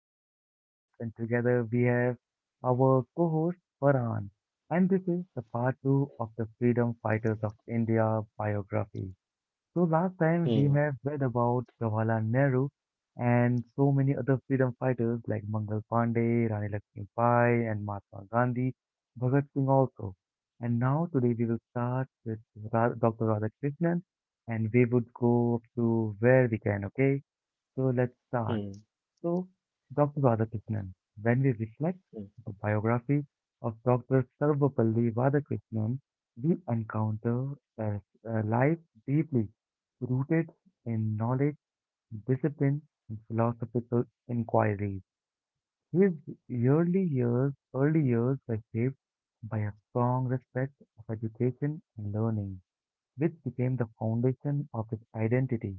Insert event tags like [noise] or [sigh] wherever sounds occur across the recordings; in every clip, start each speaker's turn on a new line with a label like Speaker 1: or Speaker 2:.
Speaker 1: host Lalit, and together we have our co host Farhan. And this is the part 2 of the Freedom Fighters of India biography. So, last time we
Speaker 2: Hmm,
Speaker 1: have read about Jawaharlal Nehru and so many other freedom fighters like Mangal Pandey, Rani Lakshmibai, and Mahatma Gandhi, Bhagat Singh also. And now, today we will start with Dr. Radhakrishnan and we would go up to where we can, okay? So let's start.
Speaker 2: hmm,
Speaker 1: So, Dr. Radhakrishnan, when we reflect
Speaker 2: hmm.
Speaker 1: the biography of Dr. Sarvapalli Radhakrishnan, we encounter a, a life deeply rooted in knowledge, discipline, and philosophical inquiry. His early years were shaped by a strong respect of education and learning, which became the foundation of his identity.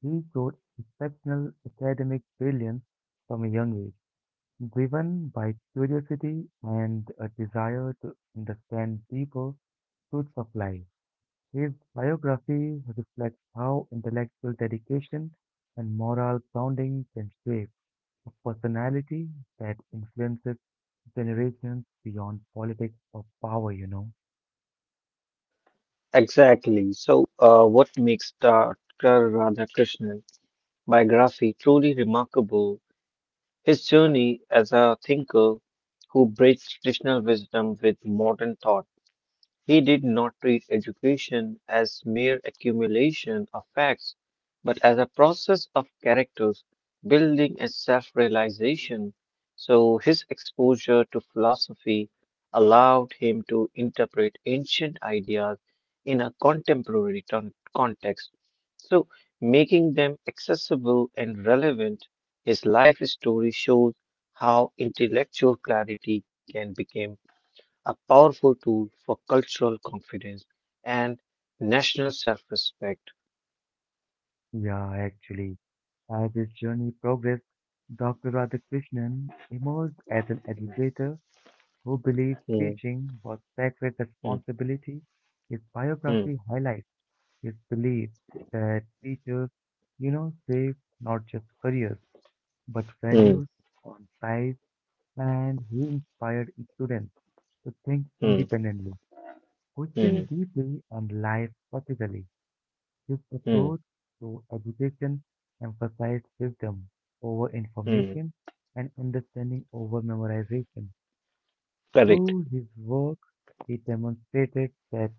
Speaker 1: He showed exceptional academic brilliance from a young age, driven by curiosity and a desire to understand deeper truths of life. His biography reflects how intellectual dedication and moral grounding can shape a personality that influences generations beyond politics or power.
Speaker 2: Exactly. So, what makes Dr. Radhakrishnan biography truly remarkable, his journey as a thinker who bridged traditional wisdom with modern thought. He did not treat education as mere accumulation of facts, but as a process of characters building and self realization. So his exposure to philosophy allowed him to interpret ancient ideas in a contemporary context, so making them accessible and relevant. His life story shows how intellectual clarity can become a powerful tool for cultural confidence and national self respect.
Speaker 1: Yeah, actually, as his journey progressed, Dr. Radhakrishnan emerged as an
Speaker 2: Hmm.
Speaker 1: educator who believes
Speaker 2: Hmm.
Speaker 1: teaching was sacred
Speaker 2: Hmm.
Speaker 1: responsibility. His biography highlights his belief that teachers save not just careers, but
Speaker 2: Hmm.
Speaker 1: values on life, and he inspired students to think
Speaker 2: Hmm.
Speaker 1: independently, question
Speaker 2: Hmm.
Speaker 1: deeply, and live practically. His
Speaker 2: Hmm.
Speaker 1: approach to education emphasized wisdom over
Speaker 2: Mm.
Speaker 1: information and understanding over memorization.
Speaker 2: Correct.
Speaker 1: Through his work, he demonstrated that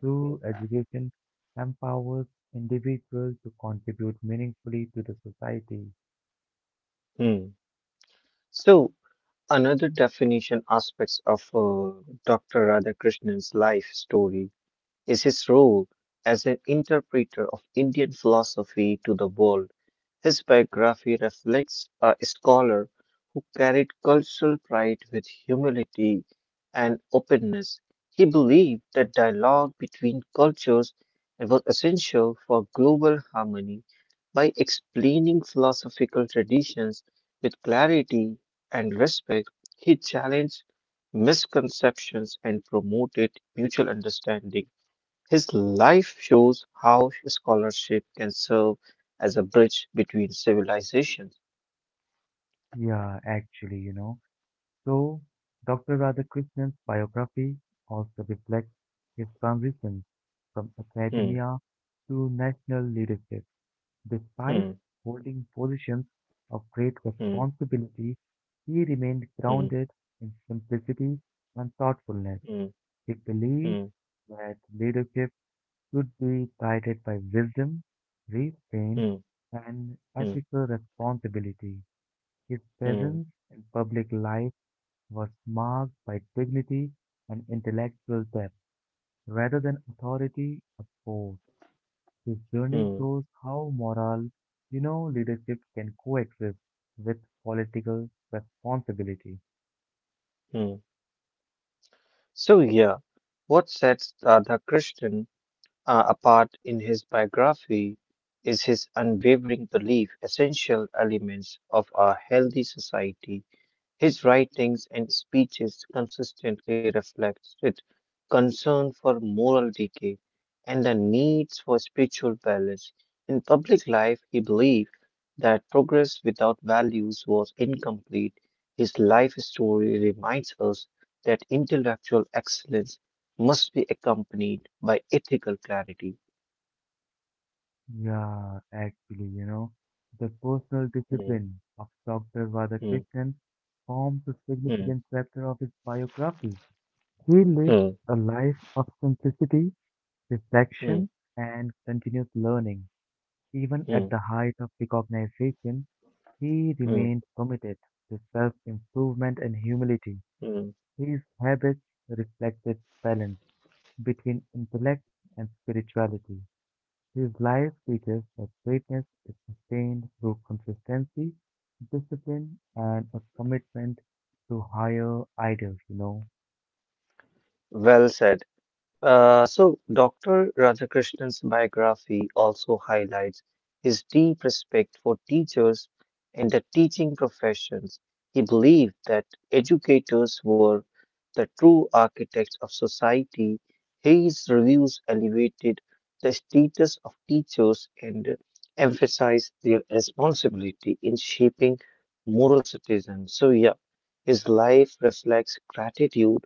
Speaker 1: true
Speaker 2: Hmm.
Speaker 1: education empowers individuals to contribute meaningfully to the society.
Speaker 2: Mm. So, another definition aspects of Dr. Radhakrishnan's life story is his role as an interpreter of Indian philosophy to the world. His biography reflects a scholar who carried cultural pride with humility and openness. He believed that dialogue between cultures was essential for global harmony by explaining philosophical traditions with clarity and respect. He challenged misconceptions and promoted mutual understanding. His life shows how scholarship can serve as a bridge between civilizations.
Speaker 1: Yeah, actually, you know. So, Dr. Radhakrishnan's biography also reflects his transition from
Speaker 2: Hmm,
Speaker 1: academia to national leadership.
Speaker 2: hmm,
Speaker 1: Despite holding positions of great
Speaker 2: hmm,
Speaker 1: responsibility, he remained
Speaker 2: hmm,
Speaker 1: grounded in simplicity and thoughtfulness.
Speaker 2: hmm,
Speaker 1: He believed
Speaker 2: hmm,
Speaker 1: that leadership should be guided by wisdom, restraint,
Speaker 2: hmm,
Speaker 1: and
Speaker 2: hmm,
Speaker 1: ethical responsibility. His
Speaker 2: hmm,
Speaker 1: presence in public life was marked by dignity and intellectual depth rather than authority or force. His journey
Speaker 2: hmm,
Speaker 1: shows how moral leadership can coexist with political responsibility.
Speaker 2: hmm. So, yeah, what sets Radha Krishnan apart in his biography is his unwavering belief, essential elements of a healthy society. His writings and speeches consistently reflected concern for moral decay and the needs for spiritual balance. In public life, he believed that progress without values was incomplete. His life story reminds us that intellectual excellence must be accompanied by ethical clarity.
Speaker 1: Yeah, actually, you know, the personal
Speaker 2: Mm,
Speaker 1: discipline of Dr.
Speaker 2: mm,
Speaker 1: Radhakrishnan forms a
Speaker 2: mm,
Speaker 1: significant chapter of his biography. He lived
Speaker 2: mm,
Speaker 1: a life of simplicity,
Speaker 2: mm,
Speaker 1: reflection, and continuous learning. Even at
Speaker 2: mm,
Speaker 1: the height of recognition, he
Speaker 2: mm,
Speaker 1: remained committed to self-improvement and humility.
Speaker 2: mm.
Speaker 1: His habits reflected balance between intellect and spirituality. His life teaches that greatness is sustained through consistency, discipline, and a commitment to higher ideals.
Speaker 2: Well said. So, Dr. Radhakrishnan's biography also highlights his deep respect for teachers and the teaching professions. He believed that educators were the true architects of society. His reviews elevated the status of teachers and emphasized their responsibility in shaping moral citizens. So, yeah, his life reflects gratitude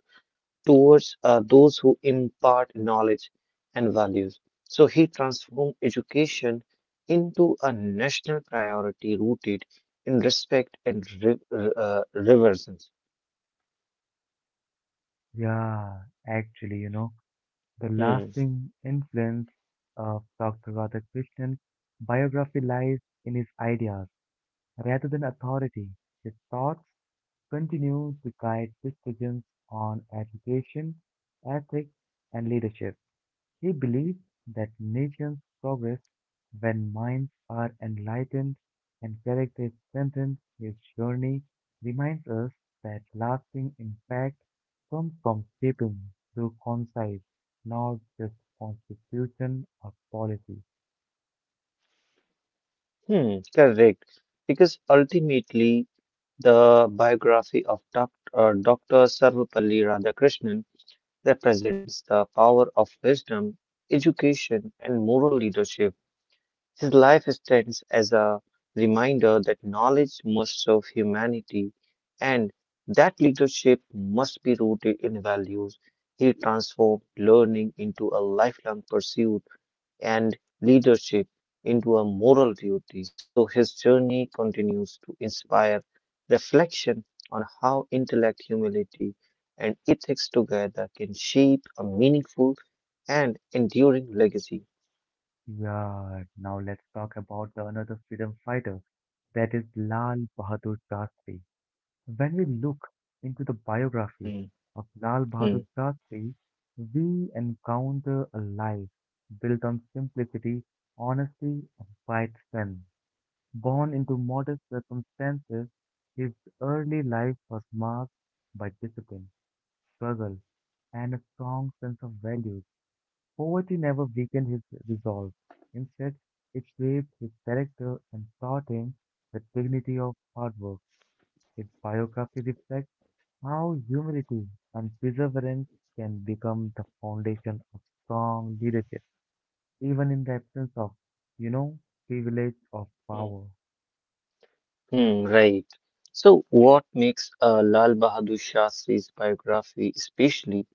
Speaker 2: towards those who impart knowledge and values. So he transformed education into a national priority rooted in respect and reverence.
Speaker 1: Yeah, actually, you know, the
Speaker 2: Hmm.
Speaker 1: lasting influence of Dr. Radhakrishnan biography lies in his ideas rather than authority. His thoughts continue to guide decisions on education, ethics, and leadership. He believed that nations progress when minds are enlightened and character is strengthened. His journey reminds us that lasting impact comes from shaping through concise, not just constitution or policy.
Speaker 2: Hmm. Correct. Because ultimately, the biography of Dr. Sarvapalli Radhakrishnan represents the power of wisdom, education, and moral leadership. His life stands as a reminder that knowledge must serve humanity and that leadership must be rooted in values. He transformed learning into a lifelong pursuit and leadership into a moral duty. So his journey continues to inspire reflection on how intellect, humility, and ethics together can shape a meaningful and enduring legacy.
Speaker 1: Yeah, now let's talk about the another freedom fighter, that is Lal Bahadur Shastri. When we look into the biography
Speaker 2: Hmm,
Speaker 1: of Lal
Speaker 2: hmm.
Speaker 1: Bahadur Shastri, we encounter a life built on simplicity, honesty, and quiet strength. Born into modest circumstances, his early life was marked by discipline, struggle, and a strong sense of values. Poverty never weakened his resolve. Instead, it shaped his character and taught him the dignity of hard work. His biography reflects how humility and perseverance can become the foundation of strong leadership, even in the absence of, you know, privilege or
Speaker 2: Hmm.
Speaker 1: power.
Speaker 2: Hmm, right. So, what makes Lal Bahadur Shastri's biography especially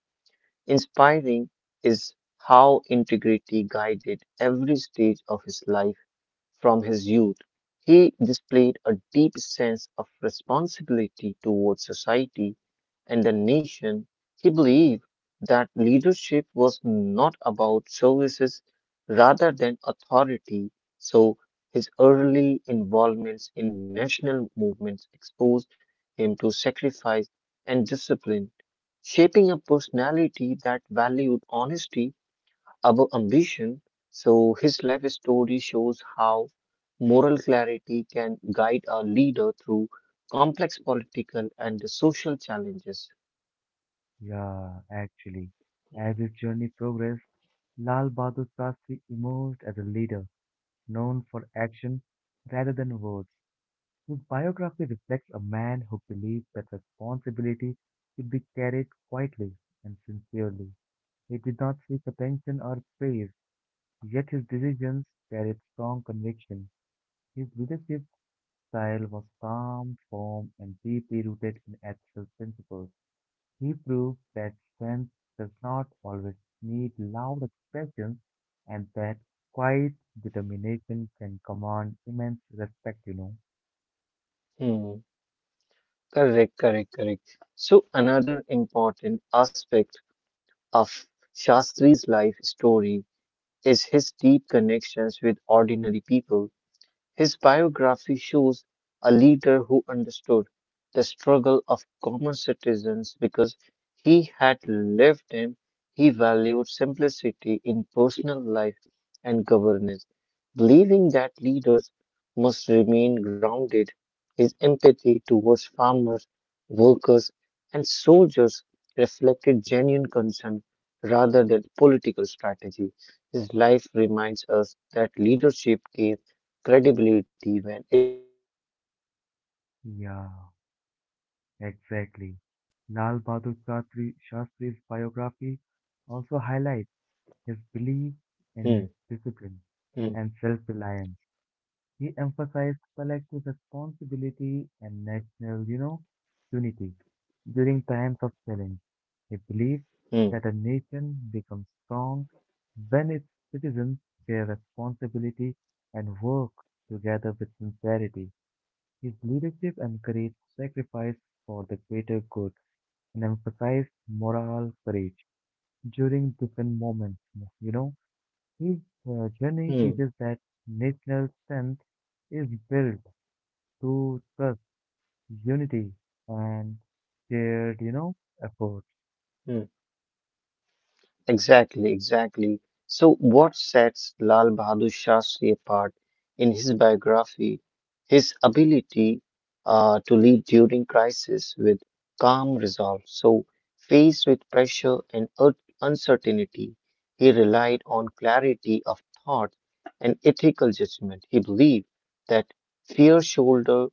Speaker 2: inspiring is how integrity guided every stage of his life. From his youth, he displayed a deep sense of responsibility towards society and the nation. He believed that leadership was not about services rather than authority, so his early involvements in national movements exposed him to sacrifice and discipline, shaping a personality that valued honesty above ambition. So his life story shows how moral clarity can guide a leader through complex political and social challenges.
Speaker 1: Yeah, actually, as his journey progressed, Lal Bahadur Shastri emerged as a leader known for action rather than words. His biography reflects a man who believed that responsibility should be carried quietly and sincerely. He did not seek attention or praise. Yet his decisions carried strong conviction. His leadership style was calm, firm, and deeply rooted in ethical principles. He proved that strength does not always need loud expressions and that quiet determination can command immense respect.
Speaker 2: Hmm. Correct, correct, correct. So another important aspect of Shastri's life story is his deep connections with ordinary people. His biography shows a leader who understood the struggle of common citizens because he had lived them. He valued simplicity in personal life and governance, believing that leaders must remain grounded. His empathy towards farmers, workers, and soldiers reflected genuine concern rather than political strategy. His life reminds us that leadership is credibility when it remains close to the people it
Speaker 1: Yeah,
Speaker 2: serves.
Speaker 1: exactly. Shastri's biography also highlights
Speaker 2: Hmm,
Speaker 1: his belief
Speaker 2: hmm,
Speaker 1: in discipline and self-reliance. He emphasized collective responsibility and national unity during times of challenge. He believed
Speaker 2: hmm,
Speaker 1: that a nation becomes strong when its citizens share responsibility and work together with sincerity. His leadership encouraged sacrifice for the greater good and emphasized moral courage during different moments. You know, his journey
Speaker 2: hmm,
Speaker 1: teaches that national strength is built to trust, unity, and shared effort.
Speaker 2: hmm. Exactly, exactly. So, what sets Lal Bahadur Shastri apart in his biography? His ability to lead during crisis with calm resolve. So, faced with pressure and uncertainty, he relied on clarity of thought and ethical judgment. He believed that fear shoulder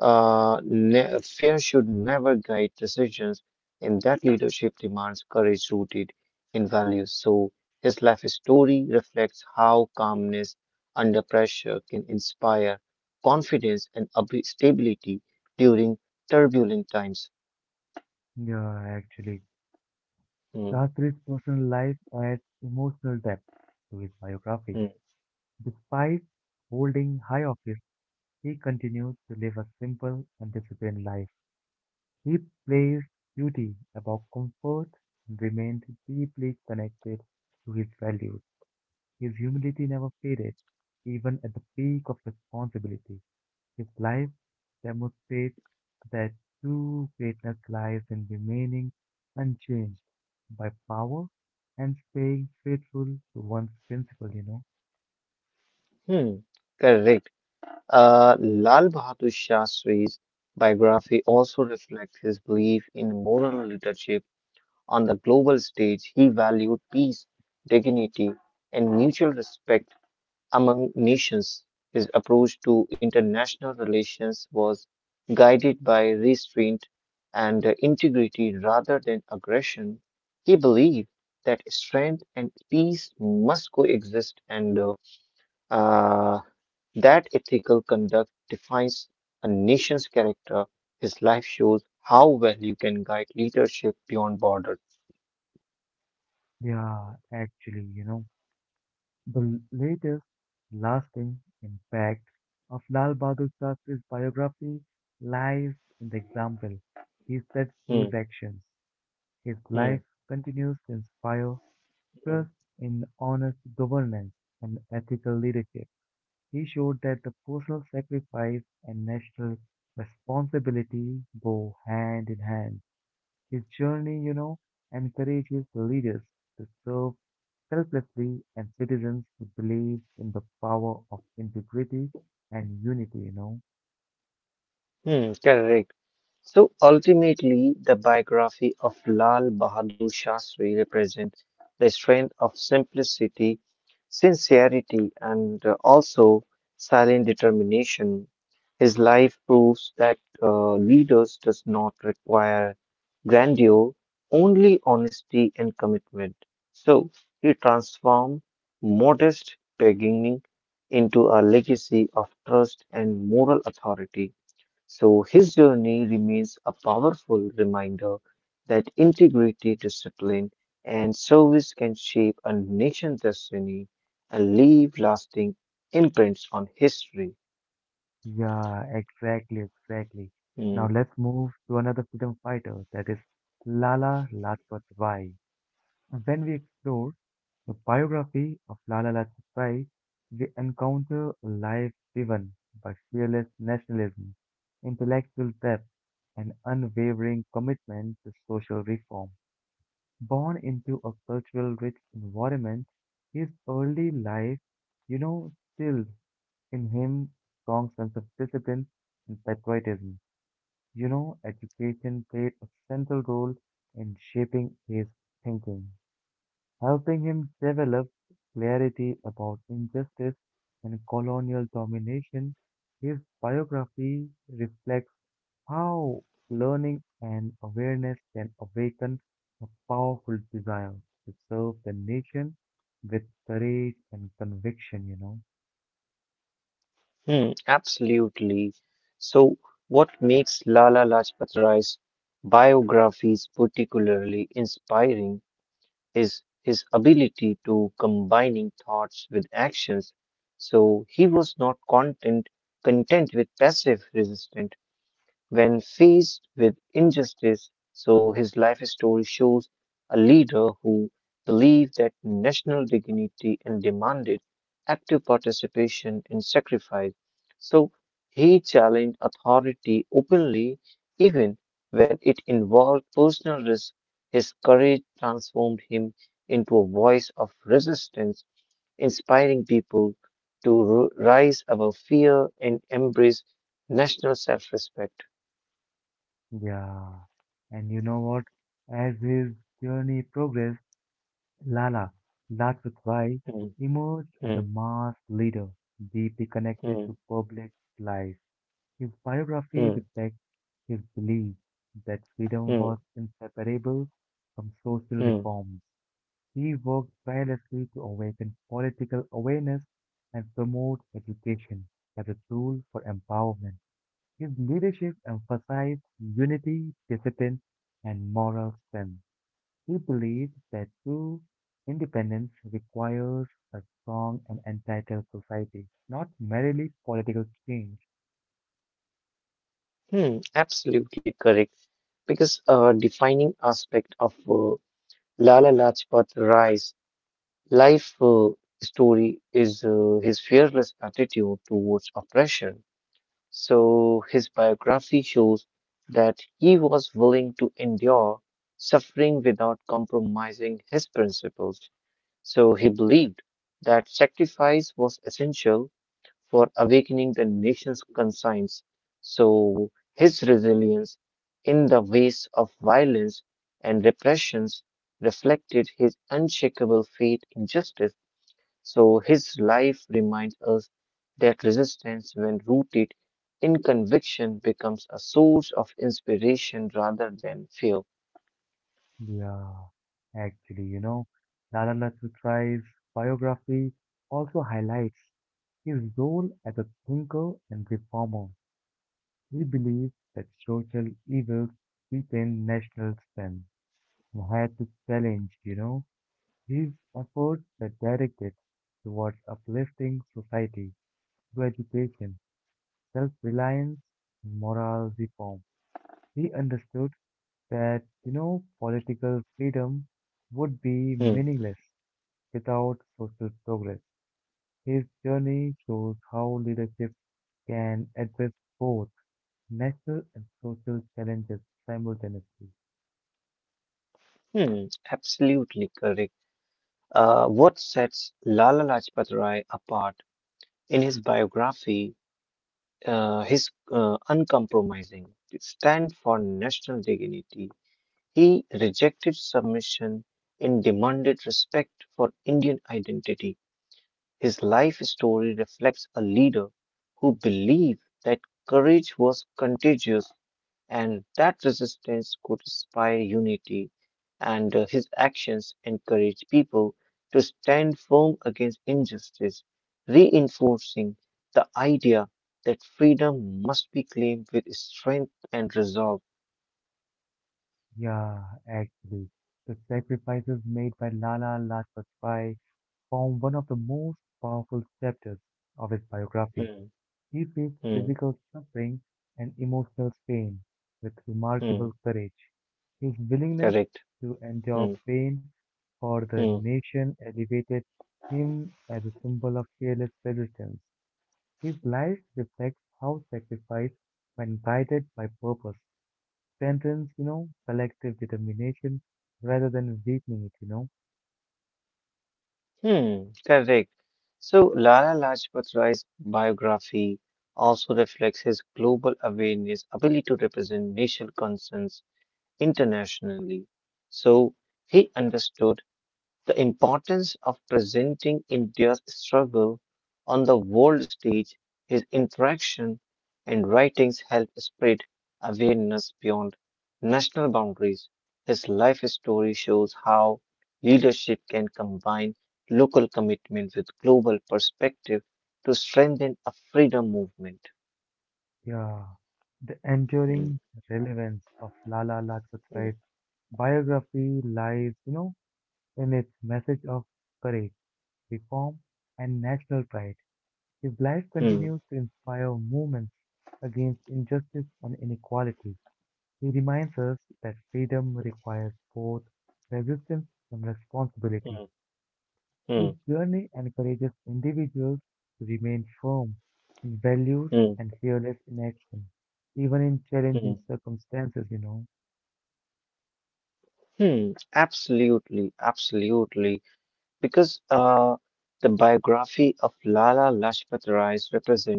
Speaker 2: fear should never guide decisions, and that leadership demands courage rooted in values. So his life story reflects how calmness under pressure can inspire confidence and stability during turbulent times.
Speaker 1: Yeah, actually,
Speaker 2: Hmm,
Speaker 1: Shastri's personal life adds emotional depth to his biography.
Speaker 2: hmm,
Speaker 1: Despite holding high office, he continued to live a simple and disciplined life. He placed duty above comfort and remained deeply connected to his values. His humility never faded, even at the peak of responsibility. His life demonstrates that true greatness lies in remaining unchanged by power and staying faithful to one's principle.
Speaker 2: hmm. Correct. Lal Bahadur Shastri's biography also reflects his belief in moral leadership on the global stage. He valued peace, dignity, and mutual respect among nations. His approach to international relations was guided by restraint and integrity rather than aggression. He believed that strength and peace must coexist, and uh, that ethical conduct defines a nation's character. His life shows how well you can guide leadership beyond borders.
Speaker 1: Yeah, actually, you know, the latest lasting impact of Lal Bahadur Shastri's biography lies in the example he set through his
Speaker 2: Hmm,
Speaker 1: actions. His
Speaker 2: hmm,
Speaker 1: life continues to inspire
Speaker 2: hmm,
Speaker 1: trust in honest governance and ethical leadership. He showed that the personal sacrifice and national responsibility go hand in hand. His journey encourages leaders to serve selflessly and citizens to believe in the power of integrity and unity.
Speaker 2: hmm, correct. So ultimately, the biography of Lal Bahadur Shastri represents the strength of simplicity, sincerity, and also silent determination. His life proves that leaders does not require grandeur, only honesty and commitment. So he transformed modest beginning into a legacy of trust and moral authority. So his journey remains a powerful reminder that integrity, discipline, and service can shape a nation's destiny and leave lasting imprints on history.
Speaker 1: Yeah, exactly, exactly. Now
Speaker 2: Hmm.
Speaker 1: let's move to another freedom fighter that is Lala Lajpat Rai. When we explore the biography of Lala Lajpat Rai, we encounter a life driven by fearless nationalism, intellectual depth, and unwavering commitment to social reform. Born into a cultural rich environment, his early life, you know, instilled in him strong sense of discipline and patriotism. You know, education played a central role in shaping his thinking helping him develop clarity about injustice and colonial domination. His biography reflects how learning and awareness can awaken a powerful desire to serve the nation with courage and conviction.
Speaker 2: Hmm, absolutely. So, what makes Lala Lajpat Rai's biographies particularly inspiring his ability to combining thoughts with actions. So he was not content with passive resistance when faced with injustice. So his life story shows a leader who believed that national dignity and demanded active participation and sacrifice. So he challenged authority openly, even when it involved personal risk. His courage transformed him into a voice of resistance, inspiring people to rise above fear and embrace national self respect.
Speaker 1: Yeah. And you know what? As his journey progressed, Lala Lajpat emerged as a
Speaker 2: Hmm.
Speaker 1: mass leader deeply connected
Speaker 2: Hmm.
Speaker 1: to public life. His biography
Speaker 2: Hmm.
Speaker 1: reflects his belief that freedom was
Speaker 2: Hmm.
Speaker 1: inseparable from social
Speaker 2: Hmm.
Speaker 1: reforms. He worked tirelessly to awaken political awareness and promote education as a tool for empowerment. His leadership emphasized unity, discipline, and moral strength. He believed that true independence requires a strong and entitled society, not merely political change.
Speaker 2: Mm. Absolutely correct. Because defining aspect of Lala Lajpat Rai's life story is his fearless attitude towards oppression. So his biography shows that he was willing to endure suffering without compromising his principles. So he believed that sacrifice was essential for awakening the nation's conscience. So his resilience in the face of violence and repressions reflected his unshakable faith in justice. So his life reminds us that resistance, when rooted in conviction, becomes a source of inspiration rather than fear.
Speaker 1: Yeah, actually, you know, Lala Lajpat Rai's biography also highlights his role as a thinker and reformer. He believed that social evils deepen national strength and had to challenge, his efforts were directed towards uplifting society through education, self-reliance, and moral reform. He understood that political freedom would be
Speaker 2: Hmm.
Speaker 1: meaningless without social progress. His journey shows how leadership can address both national and social challenges simultaneously.
Speaker 2: Hmm. Absolutely correct. What sets Lala Lajpat Rai apart in his biography his uncompromising stand for national dignity. He rejected submission and demanded respect for Indian identity. His life story reflects a leader who believed that courage was contagious and that resistance could inspire unity, and his actions encourage people to stand firm against injustice, reinforcing the idea that freedom must be claimed with strength and resolve.
Speaker 1: Yeah, actually, the sacrifices made by Lala Lajpat Rai form one of the most powerful chapters of his biography.
Speaker 2: Hmm,
Speaker 1: He faced
Speaker 2: hmm,
Speaker 1: physical suffering and emotional strain with
Speaker 2: hmm,
Speaker 1: remarkable courage. His willingness
Speaker 2: correct.
Speaker 1: to endure
Speaker 2: Hmm,
Speaker 1: pain for the
Speaker 2: hmm,
Speaker 1: nation elevated him as a symbol of fearless resistance. His life reflects how sacrifice, when guided by purpose, strengthens collective determination rather than weakening it.
Speaker 2: hmm, correct. So, Lala Lajpat Rai's biography also reflects his global awareness, ability to represent national concerns internationally, so he understood the importance of presenting India's struggle on the world stage. His interaction and writings helped spread awareness beyond national boundaries. His life story shows how leadership can combine local commitment with global perspective to strengthen a freedom movement.
Speaker 1: Yeah. The
Speaker 2: Hmm,
Speaker 1: enduring relevance of Lala Lajpat
Speaker 2: hmm,
Speaker 1: Rai's biography lies in its message of courage, reform, and national pride. His life
Speaker 2: hmm,
Speaker 1: continues to inspire movements against injustice and inequality. He reminds us that freedom requires both resistance and responsibility.
Speaker 2: hmm, hmm,
Speaker 1: His journey encourages individuals to remain firm in values
Speaker 2: hmm,
Speaker 1: and fearless in action, even in
Speaker 2: hmm.
Speaker 1: challenging circumstances.
Speaker 2: Hmm, absolutely, absolutely. Because the biography of Lala Lajpat Rai represents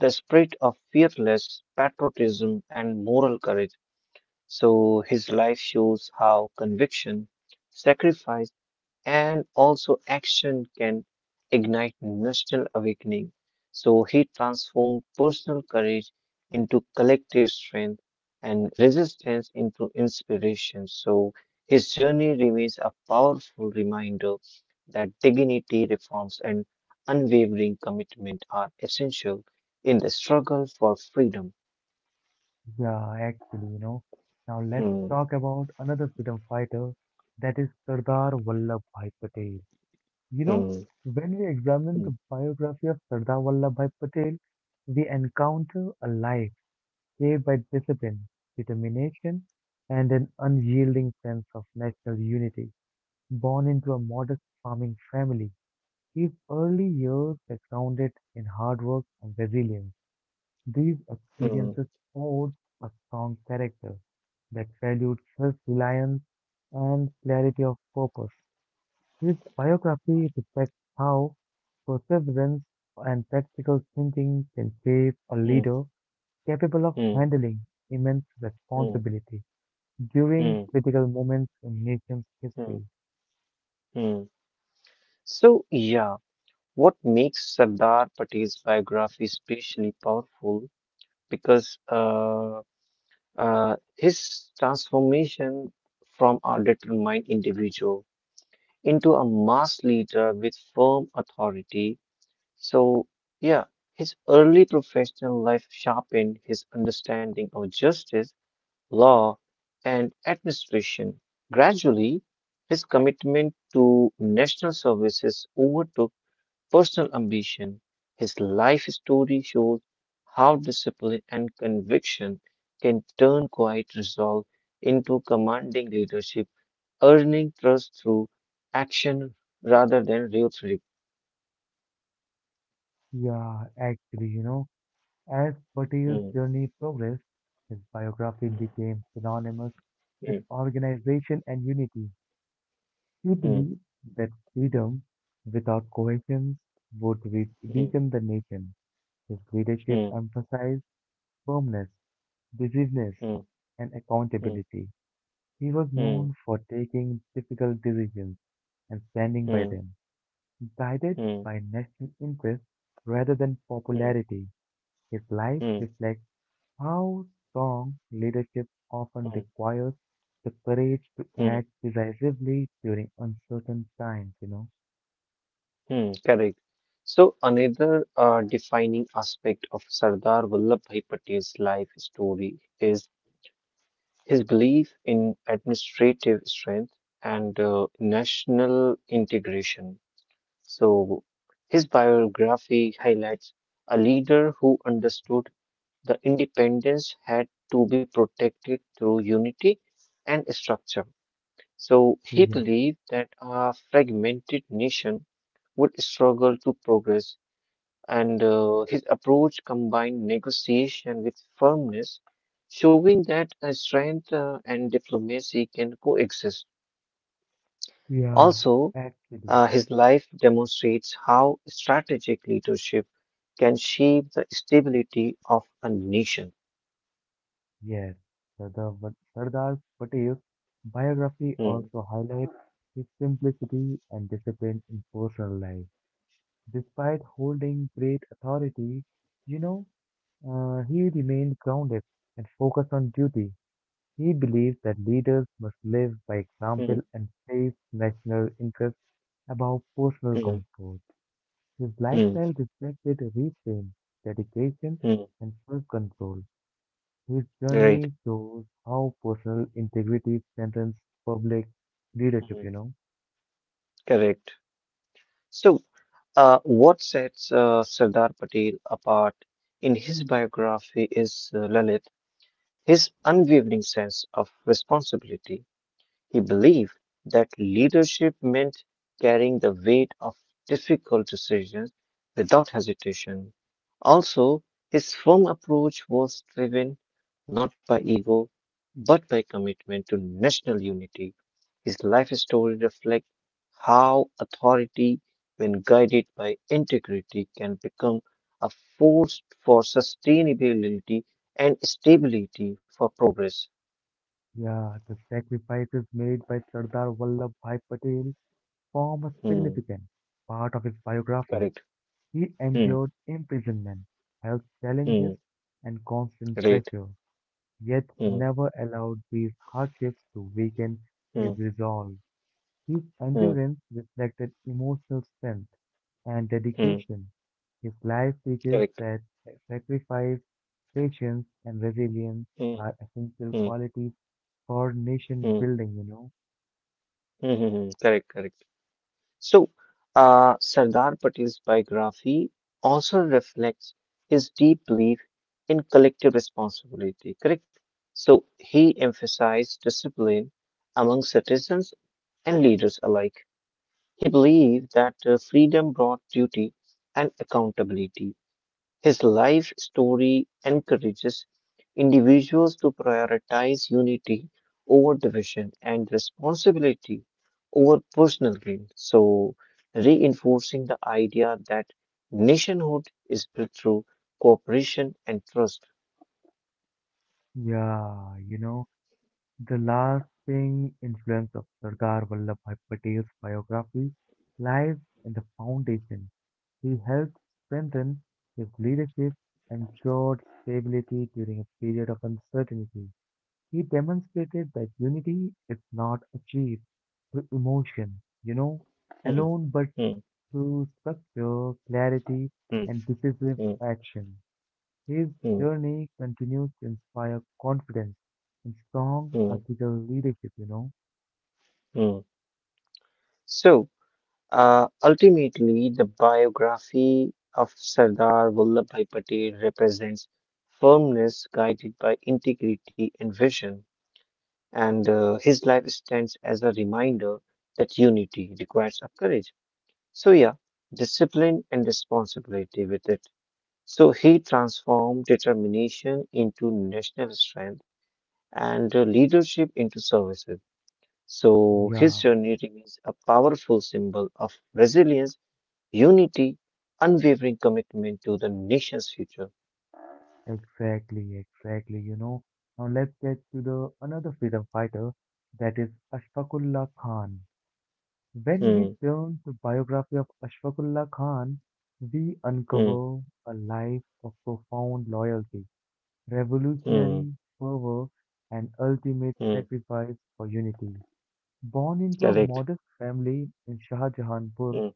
Speaker 2: the spirit of fearless patriotism and moral courage. So his life shows how conviction, sacrifice, and also action can ignite national awakening. So he transformed personal courage into collective strength and resistance into inspiration. So his journey remains a powerful reminder that dignity, reforms, and unwavering commitment are essential in the struggle for freedom.
Speaker 1: Yeah, actually, you know. Now let's
Speaker 2: Hmm,
Speaker 1: talk about another freedom fighter, that is Sardar Vallabhbhai Patel. You know,
Speaker 2: hmm,
Speaker 1: when we examine
Speaker 2: hmm,
Speaker 1: the biography of Sardar Vallabhbhai Patel, we encounter a life shaped by discipline, determination, and an unyielding sense of national unity. Born into a modest farming family, his early years were grounded in hard work and resilience. These
Speaker 2: hmm,
Speaker 1: experiences forged a strong character that valued self-reliance and clarity of purpose. His biography reflects how perseverance and practical thinking can shape a leader capable of
Speaker 2: hmm,
Speaker 1: handling immense
Speaker 2: hmm,
Speaker 1: responsibility during
Speaker 2: hmm,
Speaker 1: critical moments in nation's
Speaker 2: hmm,
Speaker 1: history.
Speaker 2: hmm. So, yeah. What makes Sardar Patel's biography especially powerful because his transformation from a determined individual into a mass leader with firm authority. So, yeah, his early professional life sharpened his understanding of justice, law, and administration. Gradually, his commitment to national services overtook personal ambition. His life story shows how discipline and conviction can turn quiet resolve into commanding leadership, earning trust through action rather than rhetoric.
Speaker 1: Yeah, actually, you know, as Patel's
Speaker 2: Hmm,
Speaker 1: journey progressed, his biography became synonymous
Speaker 2: hmm,
Speaker 1: with organization and unity. He
Speaker 2: hmm,
Speaker 1: believed that freedom without coercion would
Speaker 2: hmm,
Speaker 1: weaken the nation. His leadership
Speaker 2: hmm,
Speaker 1: emphasized firmness, decisiveness,
Speaker 2: hmm,
Speaker 1: and
Speaker 2: hmm,
Speaker 1: accountability. He was
Speaker 2: hmm,
Speaker 1: known for taking difficult decisions and standing by
Speaker 2: hmm,
Speaker 1: them, guided
Speaker 2: hmm,
Speaker 1: by national interest rather than
Speaker 2: hmm,
Speaker 1: popularity. His life
Speaker 2: hmm,
Speaker 1: reflects how strong leadership
Speaker 2: hmm,
Speaker 1: often requires the courage to
Speaker 2: hmm,
Speaker 1: act decisively during uncertain times.
Speaker 2: hmm. Correct. So, another defining aspect of Sardar Vallabhbhai Patel's life story is his belief in administrative strength and national integration. So, his biography highlights a leader who understood the independence had to be protected through unity and structure. So, he
Speaker 1: Yeah.
Speaker 2: believed that a fragmented nation would struggle to progress and his approach combined negotiation with firmness, showing that strength and diplomacy can coexist.
Speaker 1: Yeah,
Speaker 2: Also,
Speaker 1: actually,
Speaker 2: his life demonstrates how strategic leadership can shape the stability of a nation.
Speaker 1: yes. Sardar Patel's biography
Speaker 2: Hmm,
Speaker 1: also highlights his simplicity and discipline in personal life. Despite holding great authority, you know, he remained grounded and focused on duty. He believes that leaders must live by
Speaker 2: hmm,
Speaker 1: example and place national interests above personal
Speaker 2: hmm,
Speaker 1: comfort. His
Speaker 2: hmm,
Speaker 1: lifestyle reflected restraint, dedication,
Speaker 2: hmm.
Speaker 1: and self-control. His
Speaker 2: Right,
Speaker 1: journey shows how personal integrity strengthens public leadership,
Speaker 2: hmm,
Speaker 1: you know.
Speaker 2: correct. So, what sets Sardar Patel apart in his biography is Lalit. His unwavering sense of responsibility he believed that leadership meant carrying the weight of difficult decisions without hesitation. Also, his firm approach was driven not by ego but by commitment to national unity. His life story reflects how authority, when guided by integrity, can become a force for sustainability and stability for progress.
Speaker 1: Yeah, the sacrifices made by Sardar Vallabhbhai Patel form a
Speaker 2: Hmm,
Speaker 1: significant part of his biography.
Speaker 2: correct.
Speaker 1: He
Speaker 2: Hmm,
Speaker 1: endured imprisonment, health challenges,
Speaker 2: hmm.
Speaker 1: and constant
Speaker 2: Right.
Speaker 1: pressure, yet
Speaker 2: Mm,
Speaker 1: never allowed these hardships to weaken his
Speaker 2: mm,
Speaker 1: resolve. His
Speaker 2: mm,
Speaker 1: endurance reflected emotional strength and
Speaker 2: mm.
Speaker 1: dedication. His life teaches
Speaker 2: Correct.
Speaker 1: that sacrifice, patience, and resilience
Speaker 2: Mm,
Speaker 1: are essential
Speaker 2: mm,
Speaker 1: qualities for nation
Speaker 2: mm,
Speaker 1: building.
Speaker 2: mm, mm, mm. Correct, correct. So, Sardar Patel's biography also reflects his deep belief in collective responsibility, correct? So, he emphasized discipline among citizens and leaders alike. He believed that freedom brought duty and accountability. His life story encourages individuals to prioritize unity over division and responsibility over personal gain. So, reinforcing the idea that nationhood is built through cooperation and trust.
Speaker 1: Yeah, you know, the lasting influence of Sardar Vallabhbhai Patel's biography lies in the foundation. He helped strengthen his leadership and ensured stability during a period of uncertainty. He demonstrated that unity is not achieved through emotion,
Speaker 2: Hmm,
Speaker 1: alone, but
Speaker 2: hmm,
Speaker 1: through structure, clarity,
Speaker 2: hmm,
Speaker 1: and decisive
Speaker 2: hmm,
Speaker 1: action. His
Speaker 2: hmm,
Speaker 1: journey continues to inspire confidence and strong
Speaker 2: hmm,
Speaker 1: ethical leadership.
Speaker 2: hmm. So, Ultimately, the biography of Sardar Vallabhbhai Patel represents firmness guided by integrity and vision, and his life stands as a reminder that unity requires a courage. So, yeah, discipline and responsibility with it. So, he transformed determination into national strength and leadership into services. So, his
Speaker 1: Yeah,
Speaker 2: journey remains a powerful symbol of resilience, unity, unwavering commitment to the nation's future.
Speaker 1: exactly, exactly, Now let's get to the another freedom fighter, that is Ashfaqullah Khan. When we
Speaker 2: Hmm,
Speaker 1: turn to biography of Ashfaqullah Khan, we
Speaker 2: hmm,
Speaker 1: uncover a life of profound loyalty,
Speaker 2: hmm,
Speaker 1: revolutionary fervor, and ultimate
Speaker 2: hmm.
Speaker 1: sacrifice for unity. Born into a
Speaker 2: Correct.
Speaker 1: modest family in Shah Jahanpur,
Speaker 2: Hmm,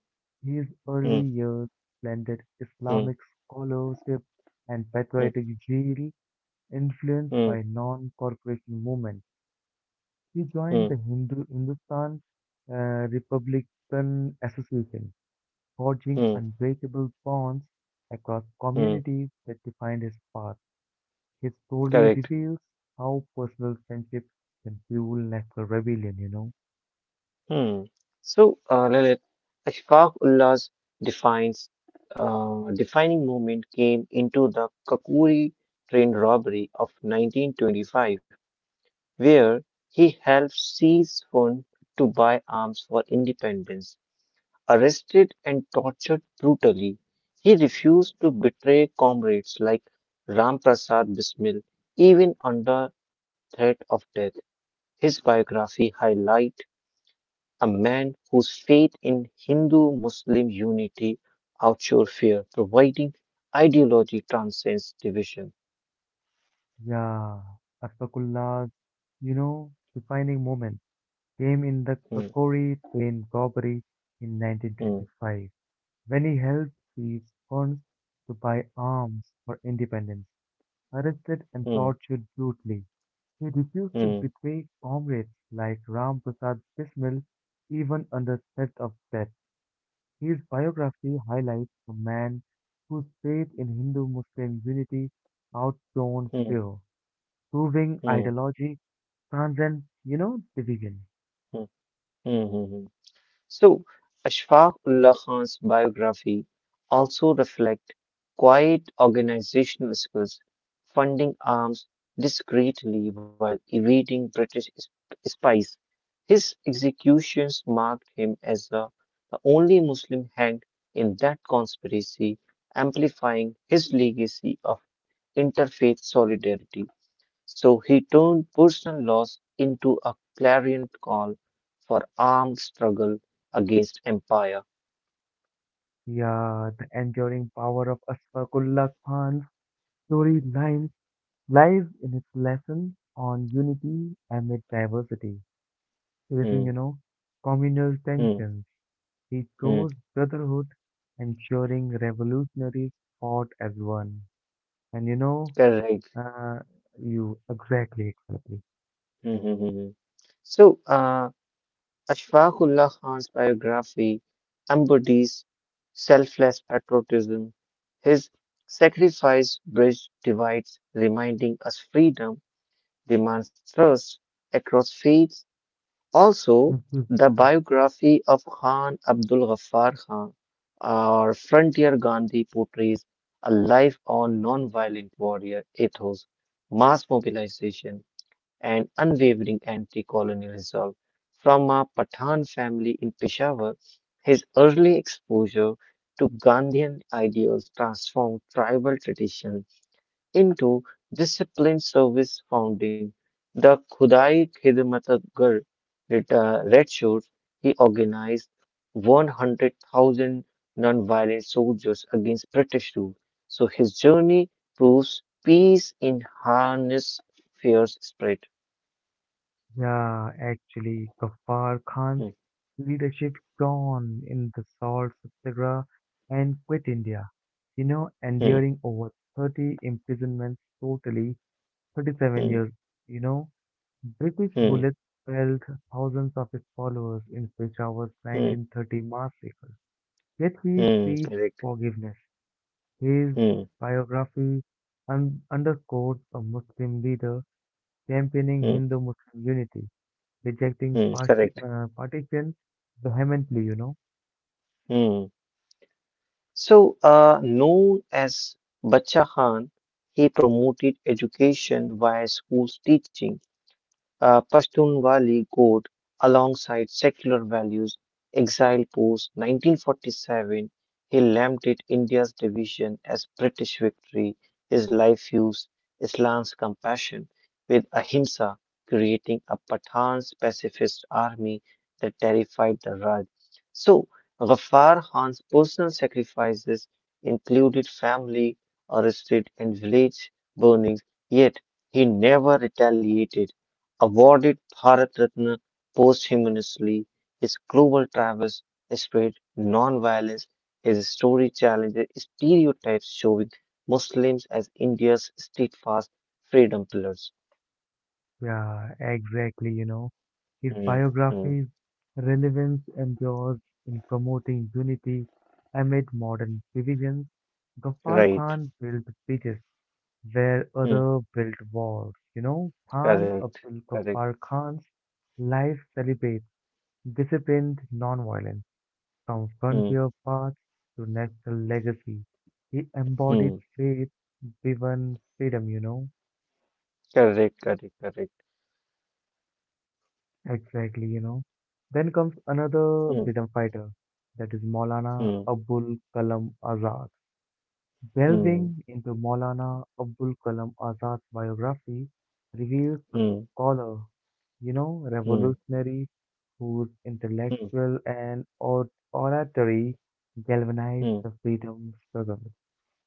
Speaker 1: his early
Speaker 2: hmm,
Speaker 1: years blended
Speaker 2: hmm,
Speaker 1: Islamic scholarship and
Speaker 2: hmm,
Speaker 1: patriotic zeal influenced
Speaker 2: hmm,
Speaker 1: by non-corporation movement. He
Speaker 2: hmm,
Speaker 1: joined the Hindu Hindustan uh, Republican Association, forging
Speaker 2: hmm,
Speaker 1: unbreakable bonds across
Speaker 2: hmm.
Speaker 1: communities that defined his path. His story
Speaker 2: Correct.
Speaker 1: reveals how personal friendship can fuel national rebellion.
Speaker 2: Hmm. So, Lalit, Ashfaq Ullah's defines defining moment came into the Kakuri train robbery of 1925, where he helped seize funds to buy arms for independence. Arrested and tortured brutally. He refused to betray comrades like Ramprasad Bismil, even under threat of death. His biography highlights a man whose faith in Hindu-Muslim unity outshone fear, providing ideology transcends division.
Speaker 1: Yeah, Asfakullah's, defining moment came in the
Speaker 2: Hmm,
Speaker 1: Kakori train robbery in
Speaker 2: hmm,
Speaker 1: 1925, when he helped seize funds to buy arms for independence, arrested and
Speaker 2: hmm,
Speaker 1: tortured brutally. He refused to
Speaker 2: hmm,
Speaker 1: betray comrades like Ram Prasad Bismil, even under threat of death. His biography highlights a man whose faith in Hindu-Muslim unity outshone
Speaker 2: hmm,
Speaker 1: fear, proving
Speaker 2: hmm,
Speaker 1: ideology transcends, division.
Speaker 2: hmm, hmm, hmm, hmm. So, Ashfaq Ullah Khan's biography also reflect quiet organizational skills, funding arms discreetly while evading British spies. His executions marked him as the only Muslim hanged in that conspiracy, amplifying his legacy of interfaith solidarity. So he turned personal loss into a clarion call for armed struggle against empire.
Speaker 1: Yeah, the enduring power of Asfaqullah Khan's story line lies in its lesson on unity amid diversity, facing,
Speaker 2: Hmm,
Speaker 1: communal
Speaker 2: hmm,
Speaker 1: tensions. He
Speaker 2: hmm.
Speaker 1: chose brotherhood, ensuring revolutionaries fought as one. And
Speaker 2: Correct.
Speaker 1: uh, you exactly, exactly. [laughs]
Speaker 2: Mhm. So, Ashfaqullah Khan's biography embodies selfless patriotism. His sacrifice bridge divides, reminding us freedom demands trust across faiths also,
Speaker 1: Mhm.
Speaker 2: the biography of Khan Abdul Ghaffar Khan or Frontier Gandhi portrays a life on nonviolent warrior ethos, mass mobilization, and unwavering anti colonial resolve. From a Pathan family in Peshawar, his early exposure to Gandhian ideals transformed tribal traditions into disciplined service founding the Khudai Khidmatagar Red Shirts. He organized 100,000 non-violent soldiers against British rule. So his journey proves peace in harness fierce spirit.
Speaker 1: Yeah, actually, Ghaffar Khan's
Speaker 2: Hmm,
Speaker 1: leadership shone in the Salt Satyagraha and quit India,
Speaker 2: hmm,
Speaker 1: enduring over 30 imprisonments totally, 37
Speaker 2: hmm,
Speaker 1: years, you know. British
Speaker 2: hmm,
Speaker 1: bullets felled thousands of his followers in Peshawar's
Speaker 2: hmm,
Speaker 1: 1930 massacre. Yet he
Speaker 2: hmm,
Speaker 1: preached
Speaker 2: correct.
Speaker 1: forgiveness. His
Speaker 2: Hmm,
Speaker 1: biography underscores a Muslim leader championing
Speaker 2: hmm,
Speaker 1: Hindu-Muslim unity, rejecting
Speaker 2: hmm, correct.
Speaker 1: partition vehemently. You know,
Speaker 2: Hmm. So known as Bacha Khan. He promoted education via schools teaching Pashtunwali Code alongside secular values, exile post 1947, he lamented India's division as British victory. His life fused Islam's compassion with ahimsa, creating a Pathan's pacifist army that terrified the Raj. So, Ghaffar Khan's personal sacrifices included family arrested and village burnings, yet he never retaliated awarded Bharat Ratna posthumously. His global travels spread non-violence. His story challenges stereotypes, showing Muslims as India's steadfast freedom pillars.
Speaker 1: yeah, exactly. His
Speaker 2: Hmm, hmm,
Speaker 1: biography's relevance endures in promoting unity amid modern divisions. Ghaffar
Speaker 2: right.
Speaker 1: Khan built bridges where
Speaker 2: Hmm,
Speaker 1: other built walls. Khan
Speaker 2: correct.
Speaker 1: Abdul
Speaker 2: Correct.
Speaker 1: Ghaffar Khan's life celebrates disciplined nonviolence from
Speaker 2: Hmm,
Speaker 1: frontier paths to national legacy. He
Speaker 2: hmm,
Speaker 1: embodied faith driven freedom.
Speaker 2: correct. Correct. Correct.
Speaker 1: Exactly, Then comes
Speaker 2: Hmm,
Speaker 1: another freedom fighter, that is Maulana
Speaker 2: hmm,
Speaker 1: Abul Kalam Azad.
Speaker 2: hmm,
Speaker 1: Delving into Maulana Abul Kalam Azad's biography reveals a scholar,
Speaker 2: hmm,
Speaker 1: revolutionaries whose
Speaker 2: hmm,
Speaker 1: intellectual and oratory galvanized
Speaker 2: hmm,
Speaker 1: the freedom struggle.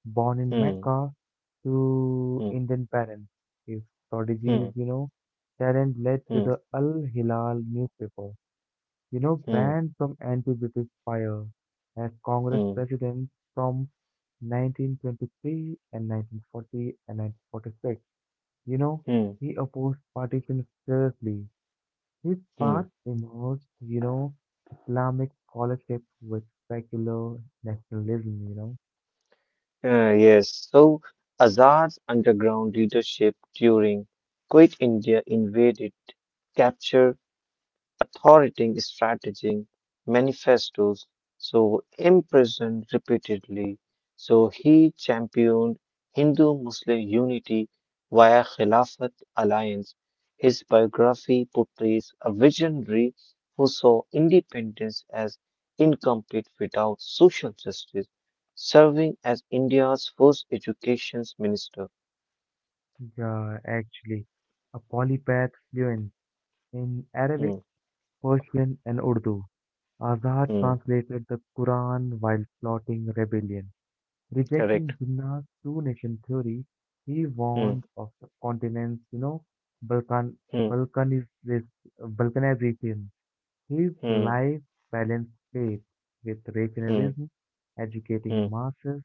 Speaker 1: Born in
Speaker 2: hmm,
Speaker 1: Mecca to
Speaker 2: hmm,
Speaker 1: Indian parents, his
Speaker 2: hmm,
Speaker 1: strategies, talent led to
Speaker 2: hmm,
Speaker 1: the Al Hilal newspaper,
Speaker 2: hmm, hmm,
Speaker 1: banned from anti British fire as
Speaker 2: hmm,
Speaker 1: Congress
Speaker 2: hmm, hmm,
Speaker 1: president from 1923 and 1940 and 1946. You know,
Speaker 2: hmm,
Speaker 1: he opposed partition fiercely his path
Speaker 2: hmm.
Speaker 1: emerged, Islamic scholarship with secular nationalism.
Speaker 2: Yes, so Azad's underground leadership during Quit India invaded, captured authoritative strategic manifestos, so imprisoned repeatedly. So he championed Hindu-Muslim unity via Khilafat alliance. His biography portrays a visionary who saw independence as incomplete without social justice, serving as India's first education minister.
Speaker 1: Yeah, actually, a polypath fluent in
Speaker 2: Hmm,
Speaker 1: Arabic, Persian, and Urdu. Azad
Speaker 2: hmm,
Speaker 1: translated the Quran while plotting rebellion.
Speaker 2: correct.
Speaker 1: Rejecting Jinnah's two nation theory, he
Speaker 2: Hmm,
Speaker 1: warned of the continent's, Balkan,
Speaker 2: hmm,
Speaker 1: Balkaniz, Balkanization. His
Speaker 2: hmm,
Speaker 1: life balanced faith with
Speaker 2: hmm,
Speaker 1: regionalism,
Speaker 2: hmm,
Speaker 1: educating masses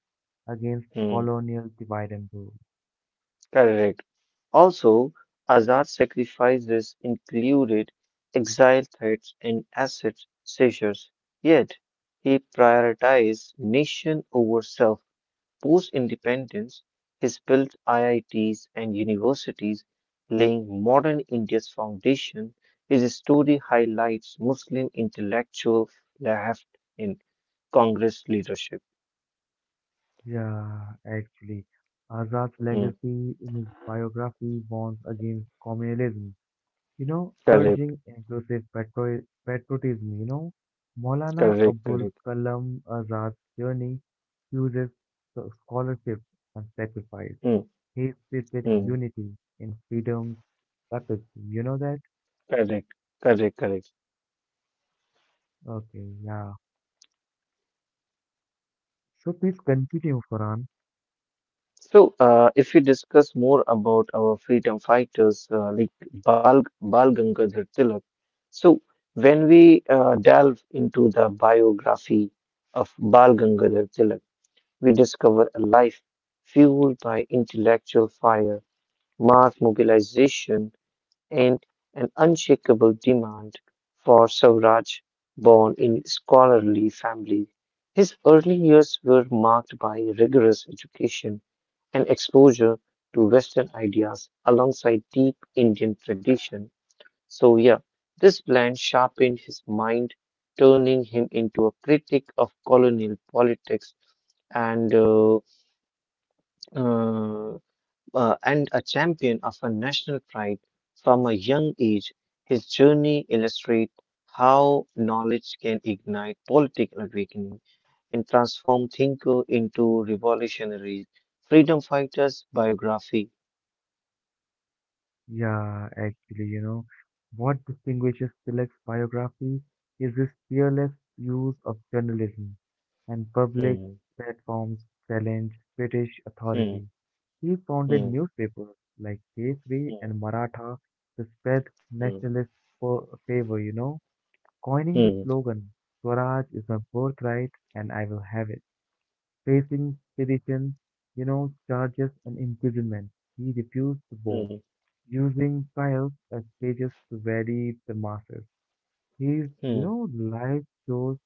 Speaker 1: against
Speaker 2: hmm.
Speaker 1: colonial divide and rule.
Speaker 2: Correct. Also, Azad sacrifices included exile threats and asset seizures, yet he prioritized nation over self. Post independence, he built IITs and universities, laying modern India's foundation. His story highlights Muslim intellectual left in Congress leadership.
Speaker 1: Yeah, actually, Azad's
Speaker 2: Hmm.
Speaker 1: legacy in his biography warns against communalism,
Speaker 2: Correct,
Speaker 1: urging inclusive patriotism, Maulana
Speaker 2: correct,
Speaker 1: Abul
Speaker 2: correct.
Speaker 1: Kalam Azad's journey uses scholarship and sacrifice.
Speaker 2: Hmm.
Speaker 1: He stated
Speaker 2: Hmm.
Speaker 1: unity in freedom's epic. You know that?
Speaker 2: Correct, correct, correct.
Speaker 1: Okay, yeah. So please continue, Farhan.
Speaker 2: So, if we discuss more about our freedom fighters like Bal Gangadhar Tilak, so when we delve into the biography of Bal Gangadhar Tilak, we discover a life fueled by intellectual fire, mass mobilization, and an unshakable demand for Swaraj. Born in scholarly family, his early years were marked by rigorous education and exposure to Western ideas alongside deep Indian tradition. So, yeah, this blend sharpened his mind, turning him into a critic of colonial politics and uh, uh, and a champion of a national pride from a young age. His journey illustrates how knowledge can ignite political awakening and transform thinker into revolutionaries. Freedom Fighters biography.
Speaker 1: Yeah, actually, what distinguishes Tilak's biography is his fearless use of journalism and public
Speaker 2: Hmm.
Speaker 1: platforms challenge British
Speaker 2: Hmm.
Speaker 1: authority. He founded
Speaker 2: Hmm.
Speaker 1: newspapers like Kesari
Speaker 2: Hmm.
Speaker 1: and Maratha to spread
Speaker 2: Hmm.
Speaker 1: nationalist favor, coining the
Speaker 2: Hmm.
Speaker 1: slogan, Swaraj is my birthright and I will have it. Facing sedition, charges and imprisonment, he refused the bow,
Speaker 2: Hmm.
Speaker 1: using trials as stages to vary the masters. His, you
Speaker 2: Hmm.
Speaker 1: know, life shows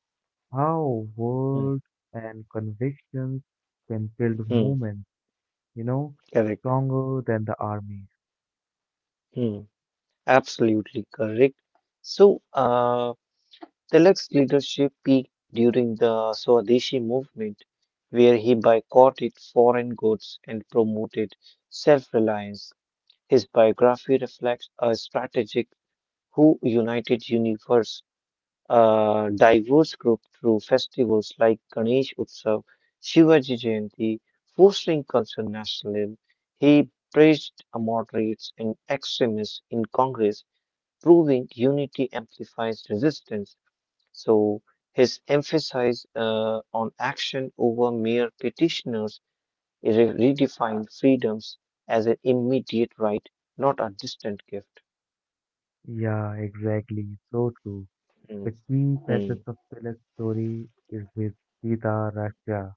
Speaker 1: how
Speaker 2: Mm,
Speaker 1: words and convictions can build
Speaker 2: mm.
Speaker 1: movements, you know,
Speaker 2: Correct.
Speaker 1: stronger than the armies.
Speaker 2: Hmm. Absolutely correct. So, Tilak's leadership peaked during the Swadeshi movement, where he boycotted foreign goods and promoted self-reliance. His biography reflects a strategic who united universe a diverse group through festivals like Ganesh Utsav, Shivaji Jayanti, fostering cultural nationalism. He praised moderates and extremists in Congress, proving unity amplifies resistance. So his emphasis on action over mere petitioners redefined freedoms as an immediate right, not a distant gift.
Speaker 1: Yeah, exactly. So true. The
Speaker 2: Hmm,
Speaker 1: key facets
Speaker 2: hmm,
Speaker 1: of Tilak's story is his Sita Raksha.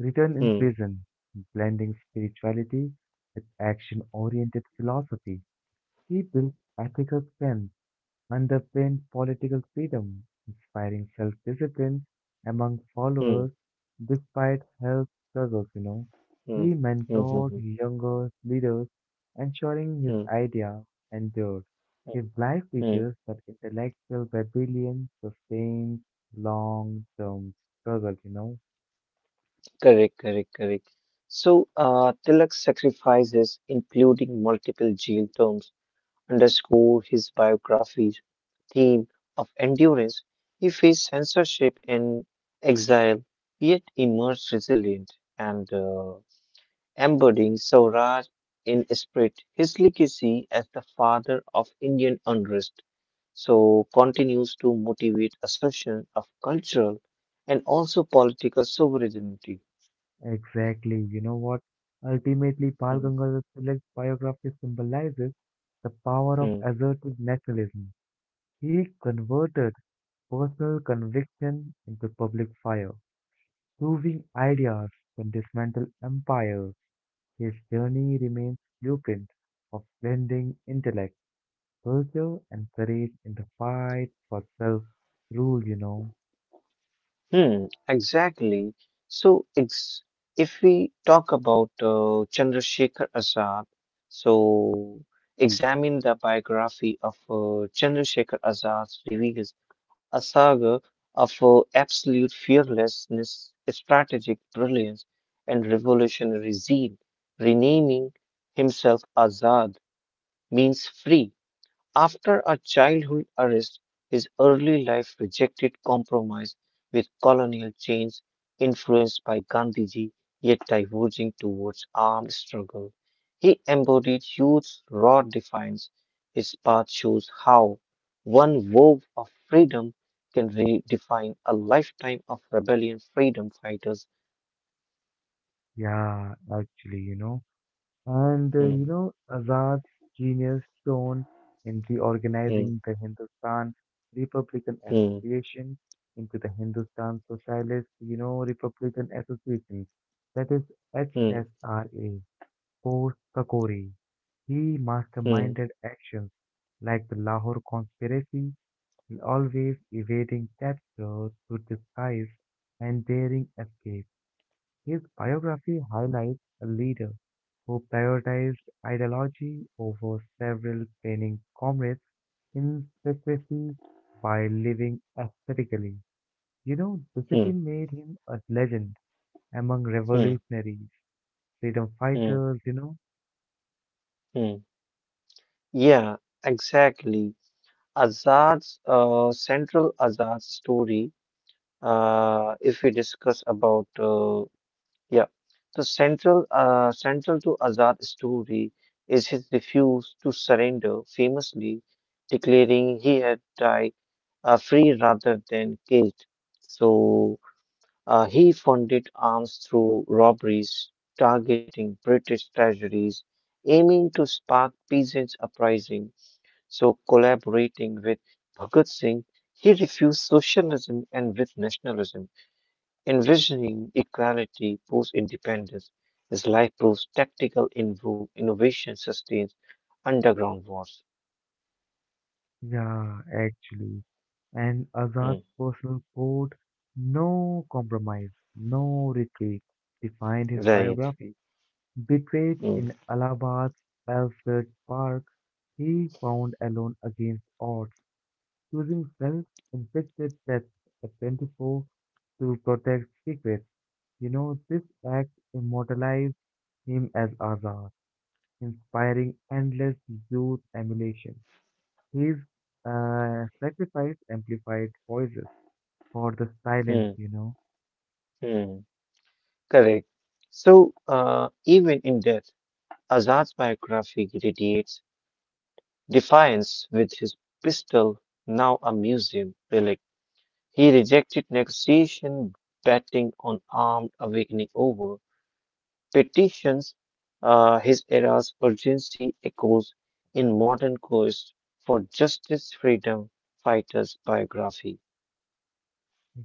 Speaker 1: Written in
Speaker 2: hmm,
Speaker 1: prison, blending spirituality with action oriented philosophy, he built ethical strength, underpinned political freedom, inspiring self discipline among
Speaker 2: hmm,
Speaker 1: followers despite health struggles.
Speaker 2: hmm,
Speaker 1: He
Speaker 2: hmm, hmm,
Speaker 1: mentored
Speaker 2: hmm,
Speaker 1: younger leaders, ensuring his
Speaker 2: hmm.
Speaker 1: idea endured. His life
Speaker 2: Mm,
Speaker 1: teaches that intellectual rebellion sustains long term struggle.
Speaker 2: correct, correct, correct. So, Tilak's sacrifices, including multiple jail terms, underscore his biography's theme of endurance. He faced censorship and exile, yet emerged resilient and embodying Swaraj in spirit. His legacy as the father of Indian unrest so continues to motivate assertion of cultural and also political sovereignty.
Speaker 1: Exactly. You know what? Ultimately, Pal
Speaker 2: Hmm,
Speaker 1: Gangadhar Tilak's biography symbolizes the power of
Speaker 2: hmm,
Speaker 1: assertive nationalism. He converted personal conviction into public fire, proving ideas can dismantle empires. His journey remains blueprint of blending intellect, culture, and courage in the fight for self-rule. You know,
Speaker 2: hmm. Exactly. So, ex if we talk about Chandrasekhar Azad, so examine the biography of Chandrasekhar Azad reveals a saga of absolute fearlessness, strategic brilliance, and revolutionary zeal. Renaming himself Azad means free after a childhood arrest, his early life rejected compromise with colonial change influenced by Gandhiji yet diverging towards armed struggle. He embodied youth's raw defiance. His path shows how one wove of freedom can redefine a lifetime of rebellion freedom fighters.
Speaker 1: yeah, actually,
Speaker 2: Hmm,
Speaker 1: Azad's genius shone in
Speaker 2: hmm,
Speaker 1: reorganizing the Hindustan Republican
Speaker 2: hmm,
Speaker 1: Association into the Hindustan Socialist, Republican Association, that is
Speaker 2: hmm,
Speaker 1: HSRA, post Kakori. He
Speaker 2: hmm,
Speaker 1: masterminded actions like the Lahore conspiracy and always evading captures to disguise and daring escape. His biography highlights a leader who prioritized ideology over several training comrades in secrecy by living aesthetically. You know,
Speaker 2: hmm,
Speaker 1: discipline made him a legend among
Speaker 2: hmm,
Speaker 1: revolutionaries, freedom
Speaker 2: hmm,
Speaker 1: fighters,
Speaker 2: hmm. Yeah, exactly. Azad's story, if we discuss about yeah, so central central to Azad's story is his refuse to surrender, famously declaring he had died free rather than caged. So he funded arms through robberies, targeting British treasuries, aiming to spark peasants' uprising. So, collaborating with Bhagat Singh, he refused socialism and with nationalism, envisioning equality post independence. His life proves tactical innovation sustains underground wars.
Speaker 1: Yeah, actually. And
Speaker 2: Hmm,
Speaker 1: Azad's personal code, no compromise, no retreat, defined his
Speaker 2: right.
Speaker 1: biography. Betrayed
Speaker 2: Hmm,
Speaker 1: in Allahabad's Alfred Park, he found alone against odds, choosing self-inflicted death at 24 to protect secrets. This act immortalized him as Azad, inspiring endless youth emulation. His sacrifice amplified voices for the silence,
Speaker 2: hmm, hmm. Correct. So, even in death, Azad's biography radiates defiance with his pistol, now a museum relic. He rejected negotiation, betting on armed awakening over petitions. His era's urgency echoes in modern quest for justice, freedom fighters biography.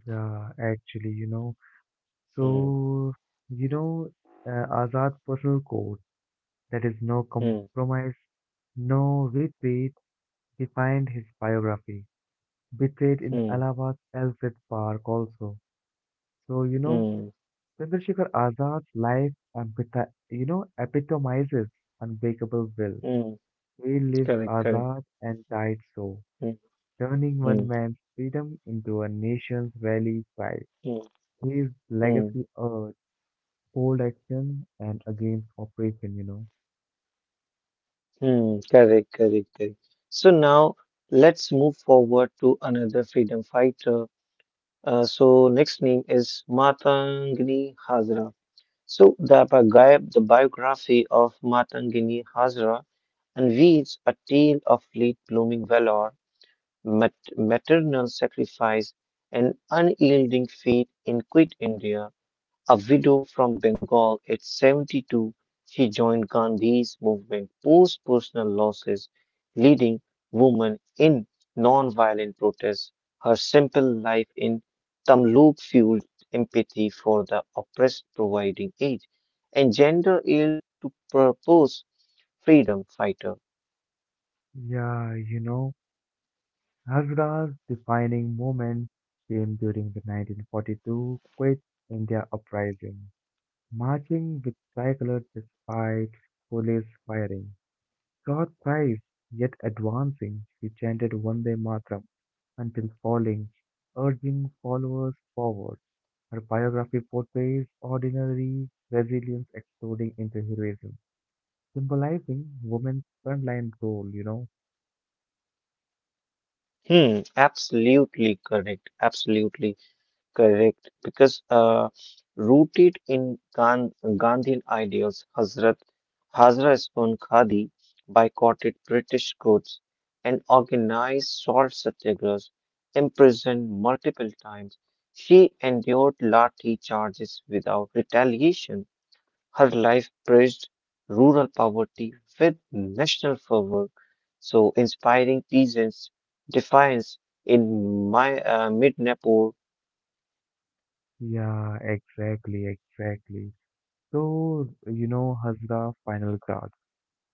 Speaker 1: Yeah, actually,
Speaker 2: Hmm,
Speaker 1: So, you know, Azad's personal code, that is no
Speaker 2: hmm,
Speaker 1: compromise, no retreat, defined his biography. Betrayed in
Speaker 2: hmm,
Speaker 1: Allahabad, Alfred Park also. So,
Speaker 2: hmm,
Speaker 1: Chandrasekhar Azad's life epitomizes unbreakable will.
Speaker 2: hmm.
Speaker 1: He lived
Speaker 2: Correct, correct.
Speaker 1: Azad and died so,
Speaker 2: Hmm,
Speaker 1: turning one
Speaker 2: hmm,
Speaker 1: man's freedom into a nation's rally cry.
Speaker 2: hmm,
Speaker 1: His
Speaker 2: hmm,
Speaker 1: legacy urged bold action and against oppression,
Speaker 2: hmm. Correct, correct, correct. So now let's move forward to another freedom fighter. So next name is Matangini Hazra. So the biography of Matangini Hazra unveils a tale of late-blooming valor, maternal sacrifice, and unyielding faith in quit India. A widow from Bengal at 72, she joined Gandhi's movement post personal losses, leading women in non-violent protest. Her simple life in Tamluk fueled empathy for the oppressed, providing aid and gender yield to purpose freedom fighter.
Speaker 1: Yeah, Havra's defining moment came during the 1942 Quit India Uprising, marching with tricolor despite police firing. God thrives, yet advancing, she chanted Vande Mataram until falling, urging followers forward. Her biography portrays ordinary resilience exploding into heroism, symbolizing women's frontline role,
Speaker 2: Hmm, absolutely correct. Absolutely. Correct, because rooted in Gandhian ideals, Hazrat Hazra Spoon Khadi boycotted British goods and organized salt satyagrahs, imprisoned multiple times. She endured lathi charges without retaliation. Her life praised rural poverty with national fervor, so inspiring peasants' defiance in mid-Nepal.
Speaker 1: Yeah, exactly, exactly. So, Hazra final guard,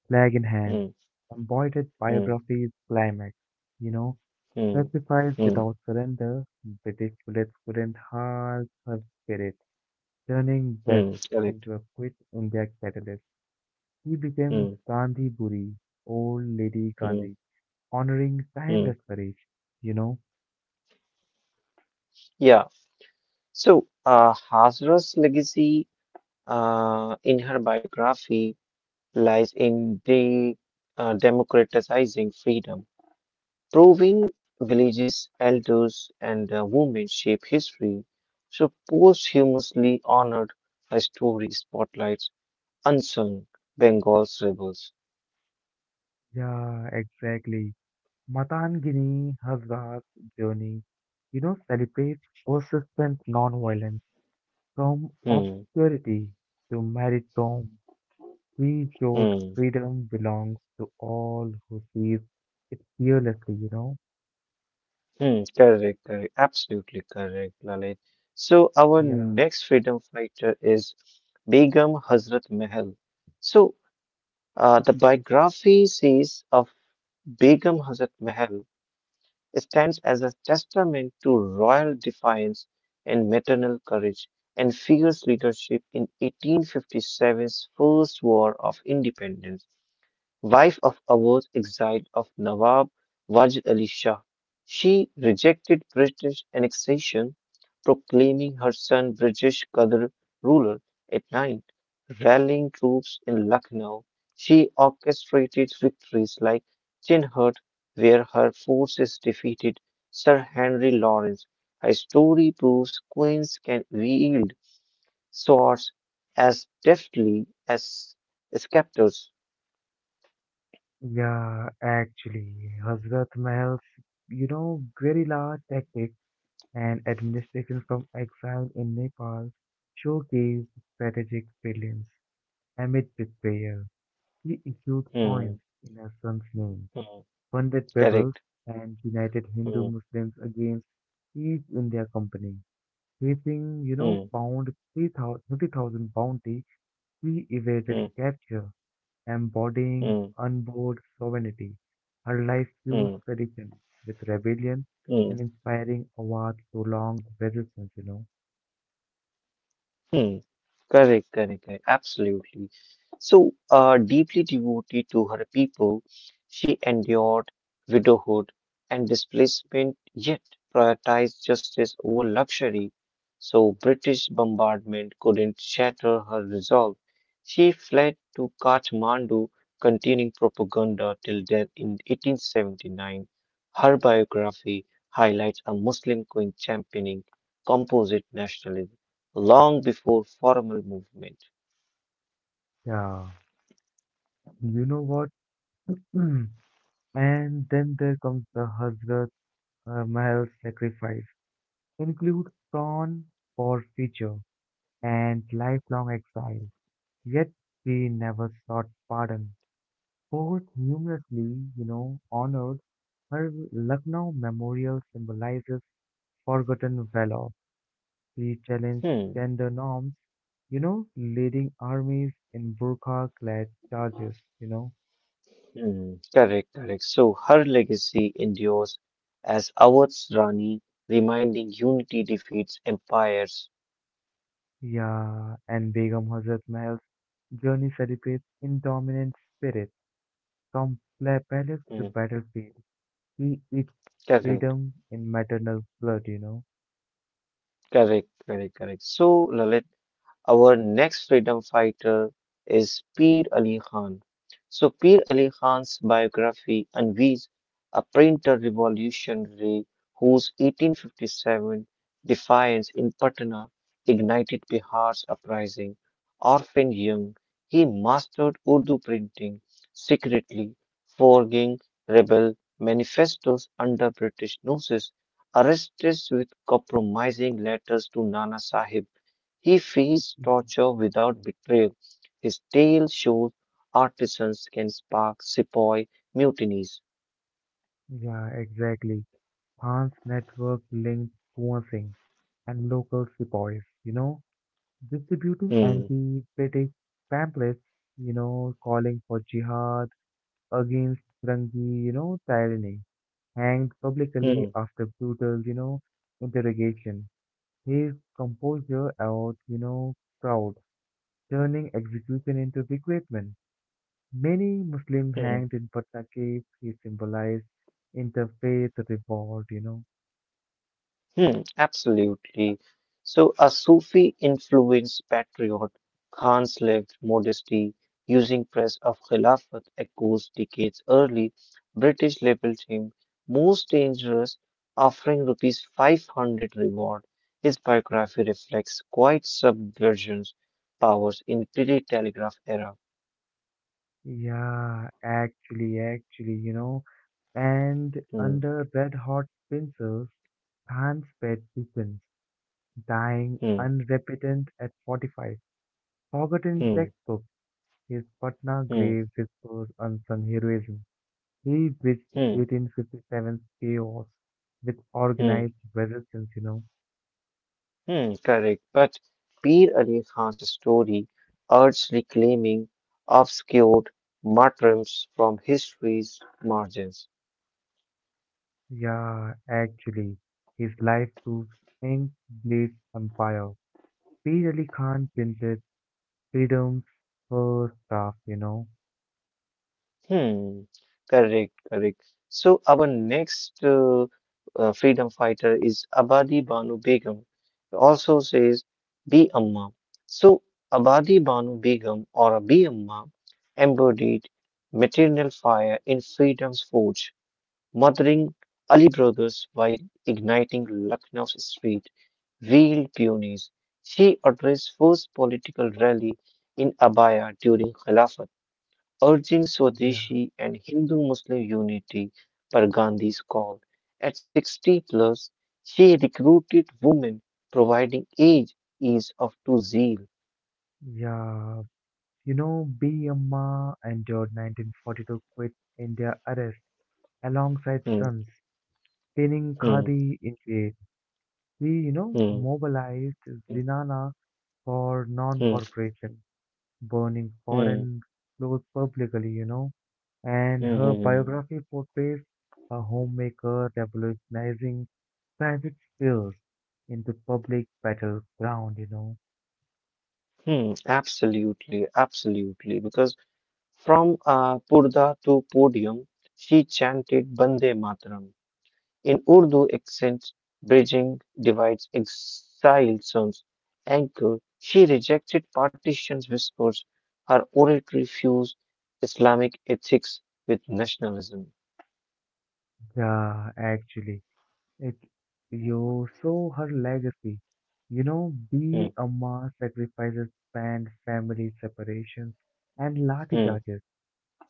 Speaker 1: flag in hand,
Speaker 2: Hmm,
Speaker 1: embroidered
Speaker 2: hmm.
Speaker 1: biographies climax, you know,
Speaker 2: Mm,
Speaker 1: sacrifice
Speaker 2: mm,
Speaker 1: without surrender, British bullets couldn't halt her spirit, turning death
Speaker 2: mm, correct.
Speaker 1: into a quit India catalyst. She became
Speaker 2: Mm,
Speaker 1: Gandhi Buri, old lady
Speaker 2: mm,
Speaker 1: Gandhi, honoring
Speaker 2: mm.
Speaker 1: timeless courage, you know.
Speaker 2: Yeah. So, Hazra's legacy in her biography lies in de democratizing freedom, proving villages, elders, and women shape history. So, posthumously honored, her story spotlights unsung Bengal's rebels.
Speaker 1: Yeah, exactly. Matangini Hazra's journey, celebrates persistent non-violence from
Speaker 2: Mm,
Speaker 1: obscurity to martyrdom, we showed
Speaker 2: mm.
Speaker 1: freedom belongs to all who sees it fearlessly,
Speaker 2: Hmm, correct, correct, absolutely correct, Lalit. So our
Speaker 1: Yeah,
Speaker 2: next freedom fighter is Begum Hazrat Mahal. So the biography says of Begum Hazrat Mahal stands as a testament to royal defiance and maternal courage and fierce leadership in 1857's First War of Independence wife of Awoz exile of Nawab Wajid Ali Shah. She rejected British annexation, proclaiming her son British Qadr ruler at night, rallying troops in Lucknow. She orchestrated victories like Chinhut, where her forces defeated Sir Henry Lawrence. Her story proves queens can wield swords as deftly as scepters.
Speaker 1: yeah, actually, Hazrat Mahal's, very large tactics and administration from exile in Nepal showcased strategic brilliance amid betrayal. He issued
Speaker 2: Hmm.
Speaker 1: coins in her son's name
Speaker 2: Hmm.
Speaker 1: funded
Speaker 2: Correct.
Speaker 1: rebels and united
Speaker 2: Hmm.
Speaker 1: Hindu Muslims against each in their company. Facing,
Speaker 2: Hmm.
Speaker 1: pound 30,000 bounty, he
Speaker 2: Hmm.
Speaker 1: evaded capture,
Speaker 2: Hmm.
Speaker 1: embodying unbored sovereignty. Her life
Speaker 2: Hmm.
Speaker 1: fused tradition with rebellion
Speaker 2: Hmm.
Speaker 1: and inspiring Awad prolonged resistance,
Speaker 2: Hmm. Correct, correct, correct. Absolutely. So, deeply devoted to her people, she endured widowhood and displacement, yet prioritized justice over luxury. So, British bombardment couldn't shatter her resolve. She fled to Kathmandu, continuing propaganda till death in 1879. Her biography highlights a Muslim queen championing composite nationalism long before formal movement.
Speaker 1: Yeah, you know what? [clears throat] And then there comes the Hazrat Mahal's sacrifice. Include prawn for feature and lifelong exile. Yet she never sought pardon. Poets numerously, honored her. Lucknow Memorial symbolizes forgotten valor. She challenged
Speaker 2: Hmm,
Speaker 1: gender norms, leading armies in burqa-clad charges, you know.
Speaker 2: hmm, correct, correct. So her legacy endures as Awadh's Rani, reminding unity defeats empires.
Speaker 1: Yeah, and Begum Hazrat Mahal's journey celebrates indomitable spirit from palace
Speaker 2: Hmm,
Speaker 1: to battlefield. She eats
Speaker 2: correct,
Speaker 1: freedom in maternal blood,
Speaker 2: correct, correct, correct. So, Lalit. Our next freedom fighter is Peer Ali Khan. So, Peer Ali Khan's biography unveils a printer revolutionary whose 1857 defiance in Patna ignited Bihar's uprising. Orphan young, he mastered Urdu printing secretly, forging rebel manifestos under British noses, arrested with compromising letters to Nana Sahib he faced torture without betrayal. His tale shows artisans can spark sepoy mutinies.
Speaker 1: Yeah, exactly. Hans network linked Kuosing and local sepoys, distributing
Speaker 2: Hmm,
Speaker 1: anti-British pamphlets, calling for jihad against Firangi, tyranny, hanged publicly
Speaker 2: hmm,
Speaker 1: after brutal, interrogation. His composure out, proud, turning execution into recruitment. Many Muslim
Speaker 2: hmm.
Speaker 1: hanged in Patna cave, he symbolized interfaith revolt,
Speaker 2: Hmm, absolutely. So, a Sufi influenced patriot, Khan's lived modesty using press of Khilafat echoes decades early. British labeled him most dangerous, offering rupees 500 reward. His biography reflects quite subversions powers in pre-telegraph era.
Speaker 1: Yeah, actually, and
Speaker 2: Hmm,
Speaker 1: under red hot pincers, Pan's pet beacons, dying
Speaker 2: hmm,
Speaker 1: unrepentant at 45. Forgotten
Speaker 2: hmm,
Speaker 1: textbook, his Patna
Speaker 2: hmm,
Speaker 1: grave whispers unsung heroism. He bridged
Speaker 2: hmm,
Speaker 1: 1857's chaos with
Speaker 2: hmm.
Speaker 1: organized resistance,
Speaker 2: Hmm, correct. But Pir Ali Khan's story urged reclaiming obscured martyrdoms from history's margins.
Speaker 1: Yeah, actually, his life proves ink bleeds empire. P. Ali Khan printed Freedom's her stuff,
Speaker 2: Hmm, correct, correct. So our next freedom fighter is Abadi Banu Begum. Also says Bi Amma. So Abadi Banu Begum or Bi Amma embodied maternal fire in freedom's forge. Murdering Ali brothers while igniting Lucknow's street wheeled peonies. She addressed first political rally in Abaya during Khilafat, urging
Speaker 1: Yeah,
Speaker 2: Swadeshi and Hindu-Muslim unity per Gandhi's call. At 60 plus, she recruited women, providing age, ease of to zeal.
Speaker 1: yeah. B. Amma endured 1942 quit India arrest alongside
Speaker 2: Hmm,
Speaker 1: sons, pinning
Speaker 2: hmm,
Speaker 1: Khadi in jail. He
Speaker 2: hmm,
Speaker 1: mobilized
Speaker 2: hmm,
Speaker 1: Zinana for
Speaker 2: hmm,
Speaker 1: non-corporation, burning
Speaker 2: hmm,
Speaker 1: foreign clothes publicly, And
Speaker 2: hmm,
Speaker 1: her
Speaker 2: hmm,
Speaker 1: biography portrays a homemaker revolutionizing private spheres into public battleground,
Speaker 2: hmm. Absolutely, absolutely, because from Purda to Podium, she chanted Bande Mataram in Urdu accent, bridging divides, exile sons, anchor. She rejected partitions, whispers. Her oratory fused Islamic ethics with nationalism.
Speaker 1: Yeah, actually, it you saw her legacy. You know,
Speaker 2: Hmm,
Speaker 1: be a mass sacrifices, banned family separations, and lathi
Speaker 2: hmm,
Speaker 1: charges.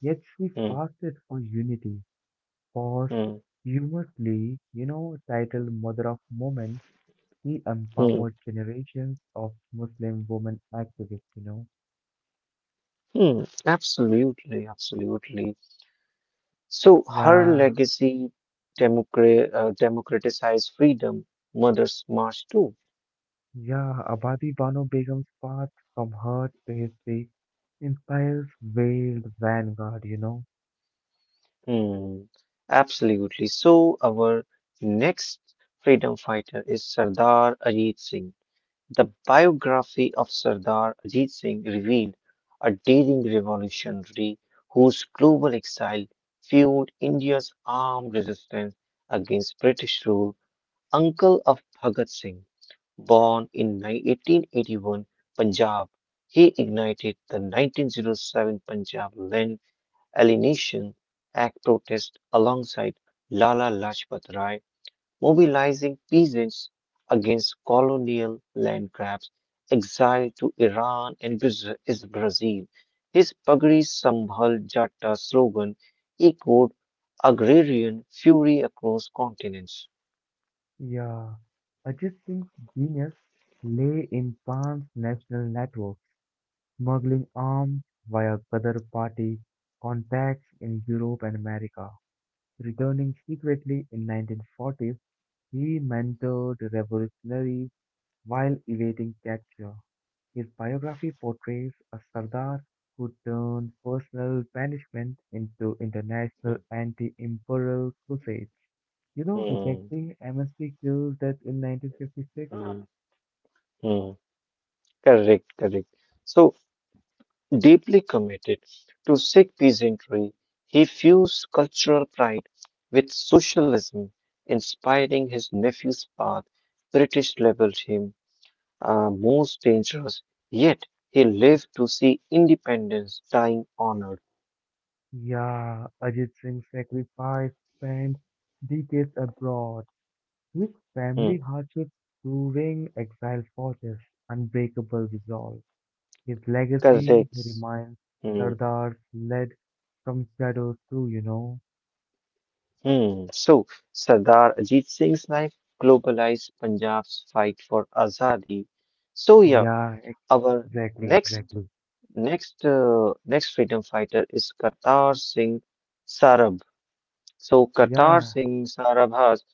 Speaker 1: Yet she
Speaker 2: hmm,
Speaker 1: fasted for unity. First,
Speaker 2: hmm,
Speaker 1: humously, titled Mother of Women, she
Speaker 2: hmm,
Speaker 1: empowered generations of Muslim women activists.
Speaker 2: hmm. Absolutely, absolutely. So her
Speaker 1: Yeah,
Speaker 2: legacy democratized freedom. Mother's March too.
Speaker 1: yeah. Abadi Bano Begum's path from her to history inspires veiled vanguard.
Speaker 2: Hmm, absolutely. So, our next freedom fighter is Sardar Ajit Singh. The biography of Sardar Ajit Singh revealed a daring revolutionary whose global exile fueled India's armed resistance against British rule. Uncle of Bhagat Singh, born in 1881, Punjab, he ignited the 1907 Punjab Alienation Act protest alongside Lala Lajpat Rai, mobilizing peasants against colonial land grabs, exile to Iran and Braz- is Brazil. His Pagri Sambhal Jatta slogan echoed agrarian fury across continents.
Speaker 1: Yeah, Ajit Singh's genius lay in transnational networks, smuggling arms via Qadar Party contacts in Europe and America. Returning secretly in 1940s, he mentored revolutionaries while evading capture. His biography portrays a Sardar who turned personal punishment into international
Speaker 2: Hmm,
Speaker 1: anti-imperial crusades. You know,
Speaker 2: hmm,
Speaker 1: rejecting amnesty kills that in 1956.
Speaker 2: hmm, hmm. Correct, correct. So deeply committed to Sikh peasantry, he fused cultural pride with socialism, inspiring his nephew's path. British labeled him most dangerous, yet he lived to see independence dying honored.
Speaker 1: Yeah, Ajit Singh sacrificed spent decades abroad. His
Speaker 2: Hmm,
Speaker 1: family hardships proving exile forges unbreakable resolve. His legacy
Speaker 2: correct.
Speaker 1: reminds,
Speaker 2: Hmm,
Speaker 1: Sardar's led from shadows through,
Speaker 2: hmm. So, Sardar Ajit Singh's life globalized Punjab's fight for Azadi. So, yeah,
Speaker 1: Yeah,
Speaker 2: our
Speaker 1: exactly,
Speaker 2: next
Speaker 1: exactly.
Speaker 2: Next, uh, next freedom fighter is Kartar Singh Sarab. So, Kartar
Speaker 1: Yeah,
Speaker 2: Singh Sarabha's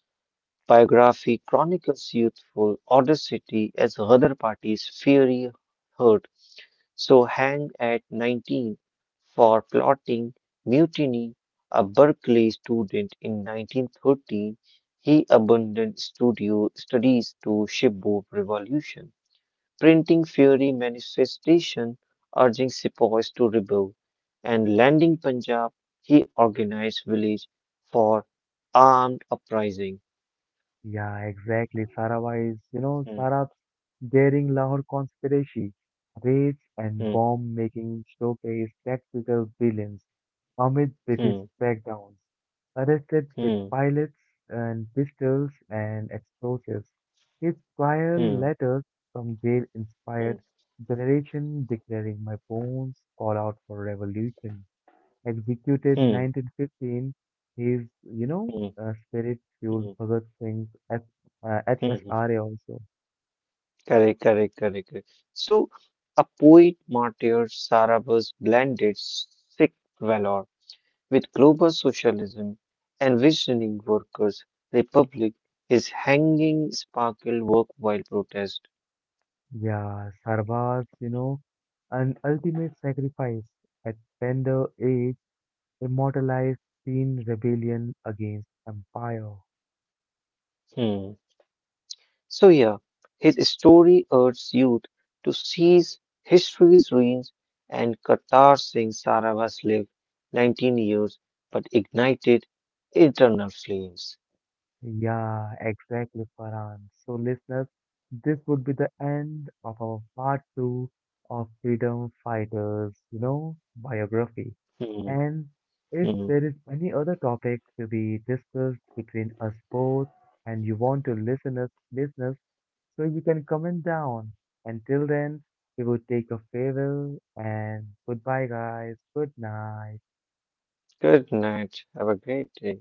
Speaker 2: biography chronicles youthful audacity as other party's fiery hurt. So, hanged at 19 for plotting mutiny, a Berkeley student in 1913, he abandoned studio studies to shipboard revolution printing fiery manifestation urging sepoys to rebel, and landing Punjab, he organized village for armed uprising.
Speaker 1: Yeah, exactly. Sarawak is,
Speaker 2: Hmm,
Speaker 1: Sarab's daring Lahore conspiracy, raids and
Speaker 2: hmm,
Speaker 1: bomb making showcase tactical brilliance amid British
Speaker 2: hmm,
Speaker 1: crackdowns. Arrested with
Speaker 2: hmm,
Speaker 1: pilots and pistols and explosives, his trial
Speaker 2: hmm,
Speaker 1: letters from jail
Speaker 2: hmm,
Speaker 1: inspired generation declaring my bones call out for revolution executed
Speaker 2: hmm,
Speaker 1: 1915, his,
Speaker 2: hmm,
Speaker 1: spirit
Speaker 2: hmm,
Speaker 1: fueled
Speaker 2: hmm.
Speaker 1: Bhagat Singh's
Speaker 2: Hmm.
Speaker 1: HSRA also.
Speaker 2: Correct, correct, correct, correct. So, a poet martyr sarabas blended Sikh valor with global socialism envisioning workers' republic, his hanging sparkled worldwide protest.
Speaker 1: Yeah, Sarwar's, an ultimate sacrifice at tender age immortalized teen rebellion against empire.
Speaker 2: Hmm. So yeah, his story urges youth to seize history's ruins and Kartar Singh Sarawat's lived 19 years but ignited internal flames.
Speaker 1: Yeah, exactly, Farhan. So, listeners, this would be the end of our part two of Freedom Fighters, biography.
Speaker 2: Hmm.
Speaker 1: And if
Speaker 2: Hmm.
Speaker 1: there is any other topic to be discussed between us both and you want to listen us, listeners, so you can comment down. Until then, we will take a farewell and goodbye, guys. Good night.
Speaker 2: Good night. Have a great day.